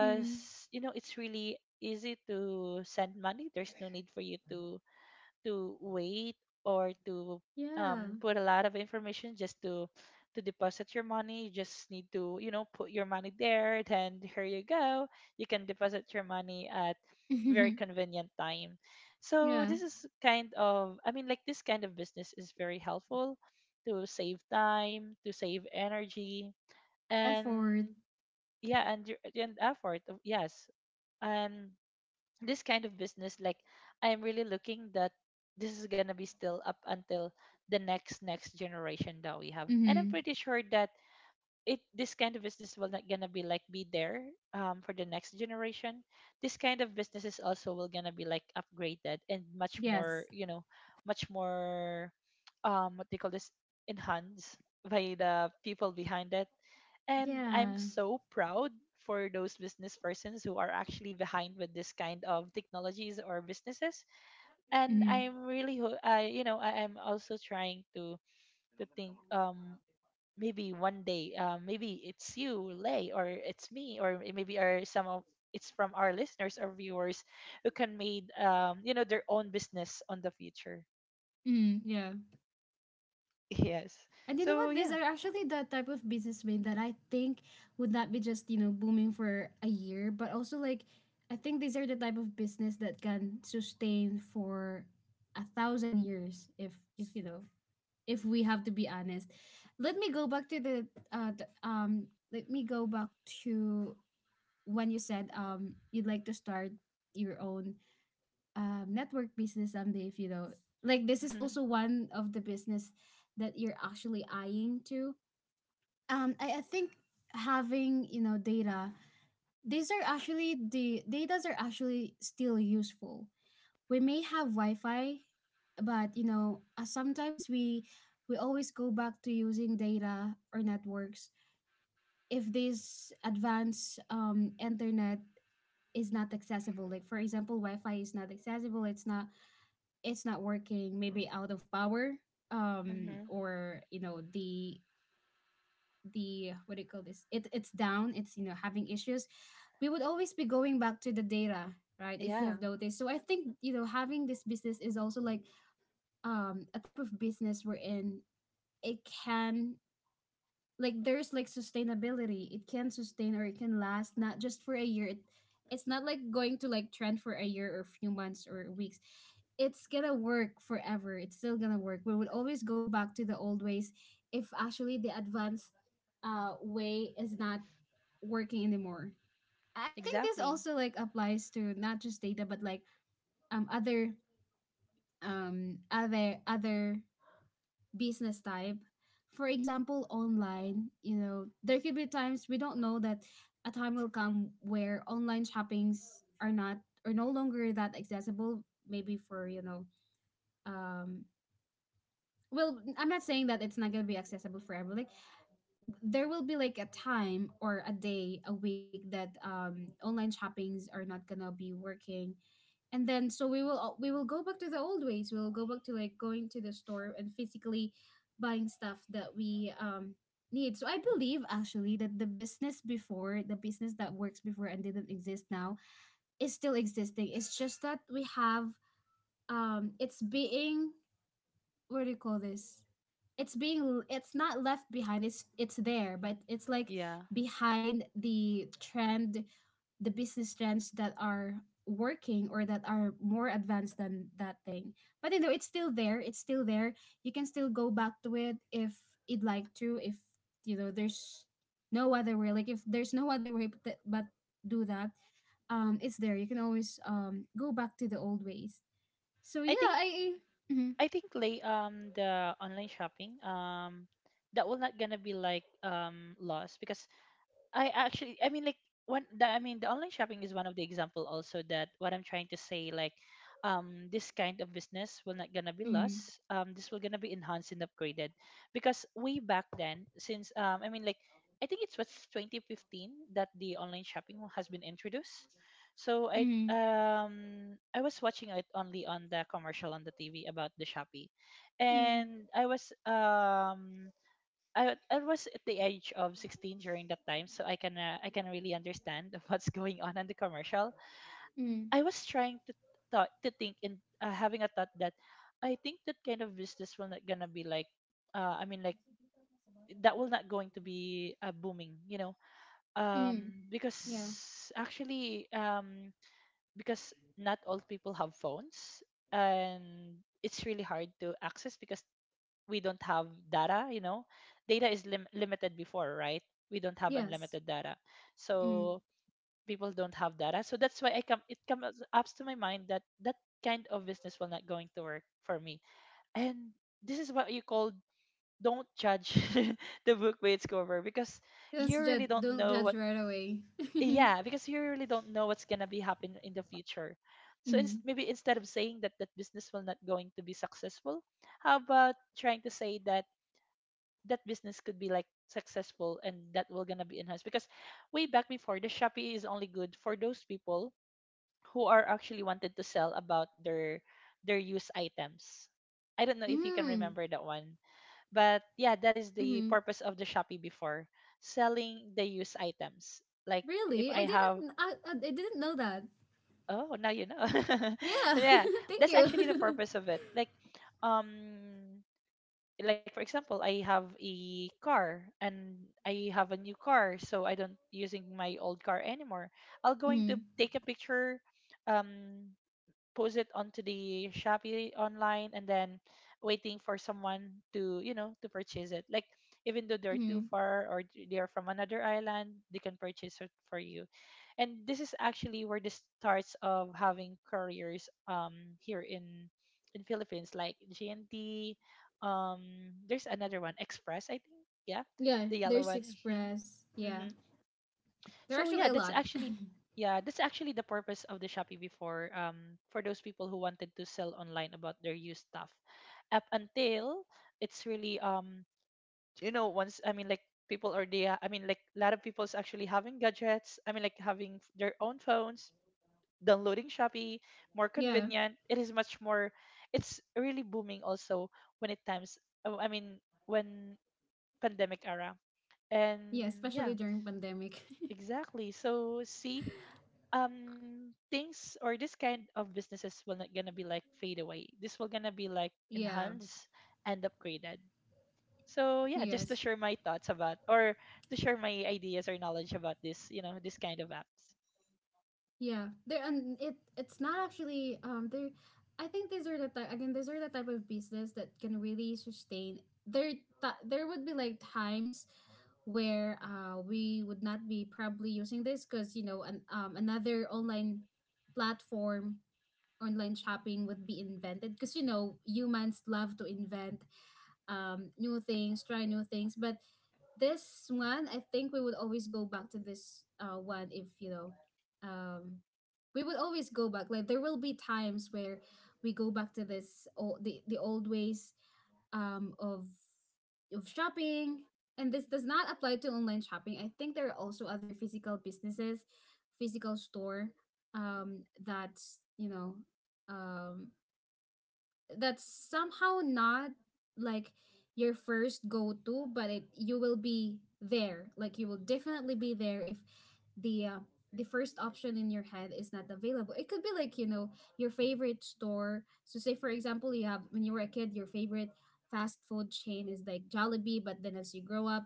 S1: Hmm.
S2: you know it's really easy to send money. There's no need for you to wait, or to
S1: Yeah.
S2: put a lot of information just to deposit your money. You just need to, you know, put your money there. Then here you go. You can deposit your money at very convenient time. So
S1: Yeah.
S2: this is kind of, I mean, like this kind of business is very helpful to save time, to save energy,
S1: Effort.
S2: and yeah, and effort. Yes, and this kind of business, like I'm really looking that this is going to be still up until the next next generation that we have. And I'm
S1: Mm-hmm.
S2: pretty sure that it this kind of business will not gonna be like be there for the next generation. This kind of businesses also will gonna be like upgraded and much more,
S1: Yes.
S2: you know, much more what they call this, enhanced by the people behind it. And I'm
S1: Yeah.
S2: so proud for those business persons who are actually behind with this kind of technologies or businesses. And
S1: Mm-hmm.
S2: I'm really, I, you know, I'm also trying to think, maybe one day, maybe it's you, Lay, or it's me, or it maybe are some of, it's from our listeners or viewers, who can made, you know, their own business on the future.
S1: Mm-hmm. Yeah.
S2: Yes.
S1: And you know
S2: So
S1: what? These
S2: yeah.
S1: are actually the type of businessmen that I think would not be just, you know, booming for a year, but also like I think these are the type of business that can sustain for 1,000 years if you know, if we have to be honest. Let me go back to the let me go back to when you said you'd like to start your own network business someday if you know like this is
S2: hmm
S1: also one of the business that you're actually eyeing to I think having, you know, data, these are actually the datas are actually still useful. We may have wi-fi, but you know, sometimes we always go back to using data or networks if this advanced internet is not accessible. Like for example, wi-fi is not accessible, it's not, it's not working, maybe out of power
S2: hmm
S1: or you know the what do you call this, it's down, it's, you know, having issues. We would always be going back to the data, right? If you
S2: Yeah.
S1: have noticed. So I think, you know, having this business is also like a type of business wherein it can, like there's like sustainability, it can sustain or it can last not just for a year. It's not like going to like trend for a year or few months or weeks, it's gonna work forever, it's still gonna work. We will always go back to the old ways if actually the advanced way is not working anymore. I think this
S2: Exactly.
S1: also like applies to not just data but like um other other business type. For example, online, you know, there could be times we don't know that a time will come where online shoppings are not are no longer that accessible. Maybe for you know, um, well, I'm not saying that it's not gonna be accessible forever. Like there will be like a time or a day a week that online shoppings are not gonna be working, and then so we will we will go back to the old ways. We'll go back to like going to the store and physically buying stuff that we need. So I believe actually that the business before, the business that works before and didn't exist now, is still existing. It's just that we have it's being what do you call this, it's being, it's not left behind, it's there, but it's like
S2: Yeah.
S1: behind the trend, the business trends that are working or that are more advanced than that thing. But you know, it's still there, it's still there. You can still go back to it if you'd like to, if you know there's no other way. Like if there's no other way but do that it's there, you can always go back to the old ways. So
S2: I
S1: yeah,
S2: think
S1: I mm-hmm,
S2: I think, lay the online shopping, that will not gonna be like lost, because I actually, I mean, like one. I mean, the online shopping is one of the example also that what I'm trying to say, like, this kind of business will not gonna be
S1: mm-hmm,
S2: lost. This will gonna be enhanced and upgraded, because way back then, since I mean, like, I think it's what's 2015 that the online shopping has been introduced. So
S1: mm-hmm,
S2: I was watching it only on the commercial on the TV about the Shopee,
S1: mm-hmm.
S2: and I was I was at the age of 16 during that time, so I can really understand what's going on in the commercial.
S1: Mm-hmm.
S2: I was trying to thought to think and having a thought that I think that kind of business will not gonna be like I mean, like that will not going to be booming, you know,
S1: Mm. Yeah.
S2: because actually because not all people have phones, and it's really hard to access because we don't have data, you know. Data is limited before, right? We don't have
S1: Yes.
S2: unlimited data.
S1: Mm.
S2: So people don't have data, so that's why I come it comes up to my mind that kind of business will not going to work for me. And this is what you call, don't judge the book by its cover, because
S1: Let's
S2: you
S1: judge.
S2: really don't
S1: Don't
S2: know
S1: judge
S2: what
S1: right away. Mm.
S2: yeah, because you really don't know what's gonna be happen in the future. So
S1: Mm.
S2: maybe instead of saying that that business will not going to be successful, how about trying to say that that business could be like successful, and that will gonna be enhanced? Because way back before, the Shopee is only good for those people who are actually wanted to sell about their used items. I don't know if you can remember that one. But yeah, that is the
S1: Hmm.
S2: purpose of the Shopee before, selling the used items. Like if
S1: Really?
S2: I
S1: I didn't.
S2: have,
S1: Kn- I didn't know that.
S2: oh, now you know.
S1: Yeah.
S2: Yeah.
S1: Thank
S2: That's actually the
S1: you.
S2: purpose of it. Um like for example, I have a car, and I have a new car, so I don't using my old car anymore. I'll going to
S1: Mm-hmm.
S2: take a picture, um post it onto the Shopee online, and then waiting for someone to, you know, to purchase it. Like even though they're too
S1: Mm-hmm.
S2: far, or they are from another island, they can purchase it for you. And this is actually where the starts of having couriers, here in Philippines, like GNT, um there's another one, Express, I think. Yeah.
S1: Yeah.
S2: The yellow
S1: There's
S2: one.
S1: Express. Yeah.
S2: Mhm.
S1: There are
S2: So
S1: actually
S2: yeah,
S1: a
S2: that's
S1: lot.
S2: actually, yeah, that's actually the purpose of the Shopee before. For those people who wanted to sell online about their used stuff, up until it's really you know, once, I mean, like people are there. I mean, like a lot of people's actually having gadgets. I mean, like having their own phones, downloading Shopee, more
S1: Yeah.
S2: convenient. It is much more. It's really booming also when it times. Oh, I mean when pandemic era,
S1: Yeah.
S2: and
S1: Especially
S2: yeah,
S1: during pandemic.
S2: exactly. So see, things, or this kind of businesses will not gonna be like fade away. This will gonna be like
S1: Yeah.
S2: enhanced and upgraded. So yeah, just to
S1: Yes.
S2: share my thoughts about, or to share my ideas or knowledge about this, you know, this kind of apps.
S1: Yeah, there and it, it's not actually there. I think these are the type again, these are the type of business that can really sustain. There, there would be like times where we would not be probably using this because you know another online platform, online shopping would be invented because you know humans love to invent new things, try new things. But this one, I think we would always go back to this one if, you know, um, we would always go back. Like there will be times where we go back to this the old ways um, of of shopping. And this does not apply to online shopping. I think there are also other physical businesses, physical store that you know um, that's somehow not like your first go to, but it you will be there. Like you will definitely be there if the the first option in your head is not available. It could be like you know your favorite store. So say for example, you have when you were a kid, your favorite fast food chain is like Jollibee, but then as you grow up,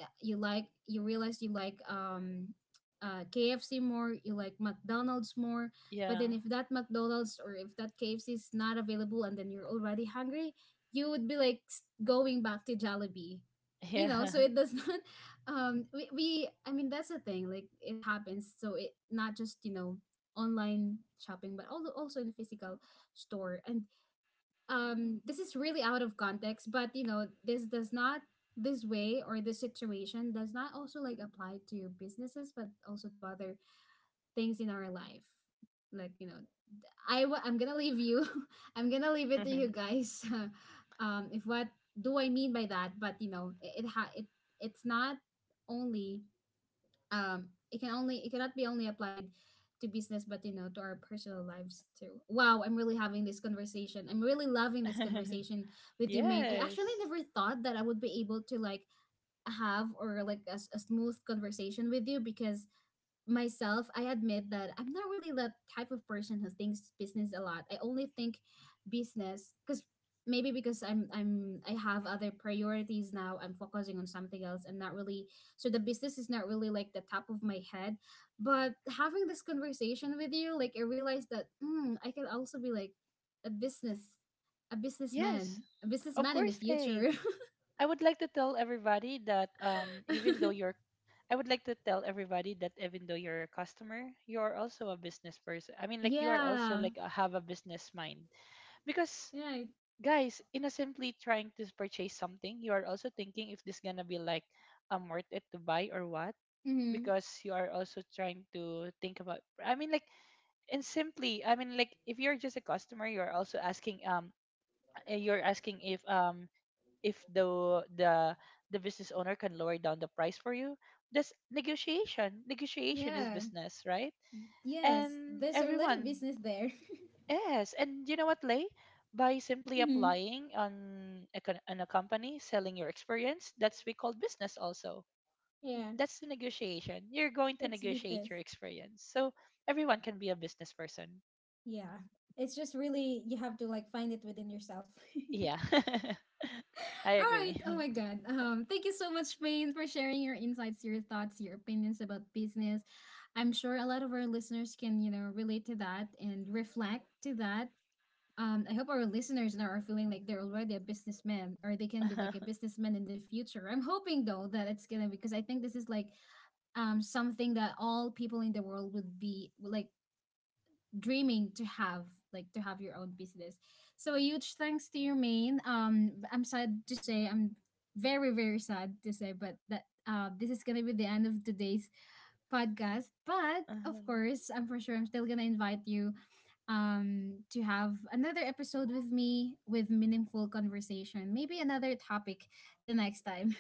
S1: you like you realize you like KFC more, you like McDonald's more. But
S2: Yeah.
S1: then if that McDonald's or if that KFC is not available, and then you're already hungry, you would be like going back to Jollibee. You know, so
S2: Yeah.
S1: it does not we I mean that's the thing, like it happens. So it not just, you know, online shopping but also also in physical store. And this is really out of context but you know this does not this way or this situation does not also like apply to businesses but also to other things in our life. Like you know I'm gonna leave you I'm gonna leave it to you guys if what do I mean by that. But you know it's not only it can only it cannot be only applied to business but you know to our personal lives too. Wow, I'm really having this conversation. I'm really loving this conversation with you, main. I actually
S2: Yes.
S1: never thought that I would be able to like have or like a smooth conversation with you. Because myself, I admit that I'm not really the type of person who thinks business a lot. I only think business because maybe because I have other priorities now. I'm focusing on something else. I'm not really so the business is not really like the top of my head. But having this conversation with you, like I realized that mm, I can also be like a business a businessman,
S2: Yes,
S1: a
S2: of
S1: businessman in the
S2: course, lay.
S1: future.
S2: I would like to tell everybody that, even though you're, I would like to tell everybody that even though you're a customer, you are also a business person. I mean, like you are also
S1: Yeah.
S2: like a, have a business mind, because
S1: Yeah.
S2: guys, in a simply trying to purchase something, you are also thinking if this gonna be like worth it to buy or what,
S1: Mm-hmm.
S2: because you are also trying to think about, I mean, like, and simply, I mean, like if you're just a customer, you're also asking you're asking if the the business owner can lower down the price for you. That's negotiation. Negotiation is
S1: Yeah.
S2: business, right?
S1: Yes,
S2: And
S1: there's a lot of
S2: everyone,
S1: business there.
S2: yes. And you know what, lay, by simply
S1: Mm-hmm.
S2: applying on a, on a company, selling your experience, that's we call business also.
S1: Yeah,
S2: That's the negotiation. You're going to
S1: it's business.
S2: negotiate your experience. So everyone can be a business person.
S1: Yeah. It's just really you have to like find it within yourself.
S2: Yeah. I
S1: All right.
S2: agree.
S1: Oh my God. Thank you so much, Payne, for sharing your insights, your thoughts, your opinions about business. I'm sure a lot of our listeners can, you know, relate to that and reflect to that. I hope our listeners now are feeling like they're already a businessman or they can be like a businessman in the future. I'm hoping though that it's gonna because I think this is like something that all people in the world would be like dreaming to have, like to have your own business. So a huge thanks to your main. I'm sad to say, I'm very very sad to say but that this is gonna be the end of today's podcast. But of
S2: Mhm.
S1: course, I'm for sure I'm still gonna invite you to have another episode with me with meaningful conversation, maybe another topic the next time.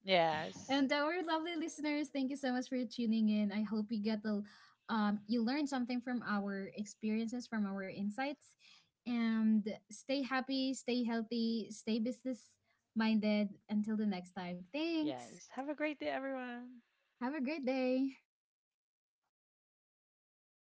S2: Yes.
S1: And our lovely listeners, thank you so much for tuning in. I hope you get the you learned something from our experiences, from our insights. And stay happy, stay healthy, stay business minded. Until the next time. Thanks.
S2: Yes, have a great day, everyone.
S1: Have a great day.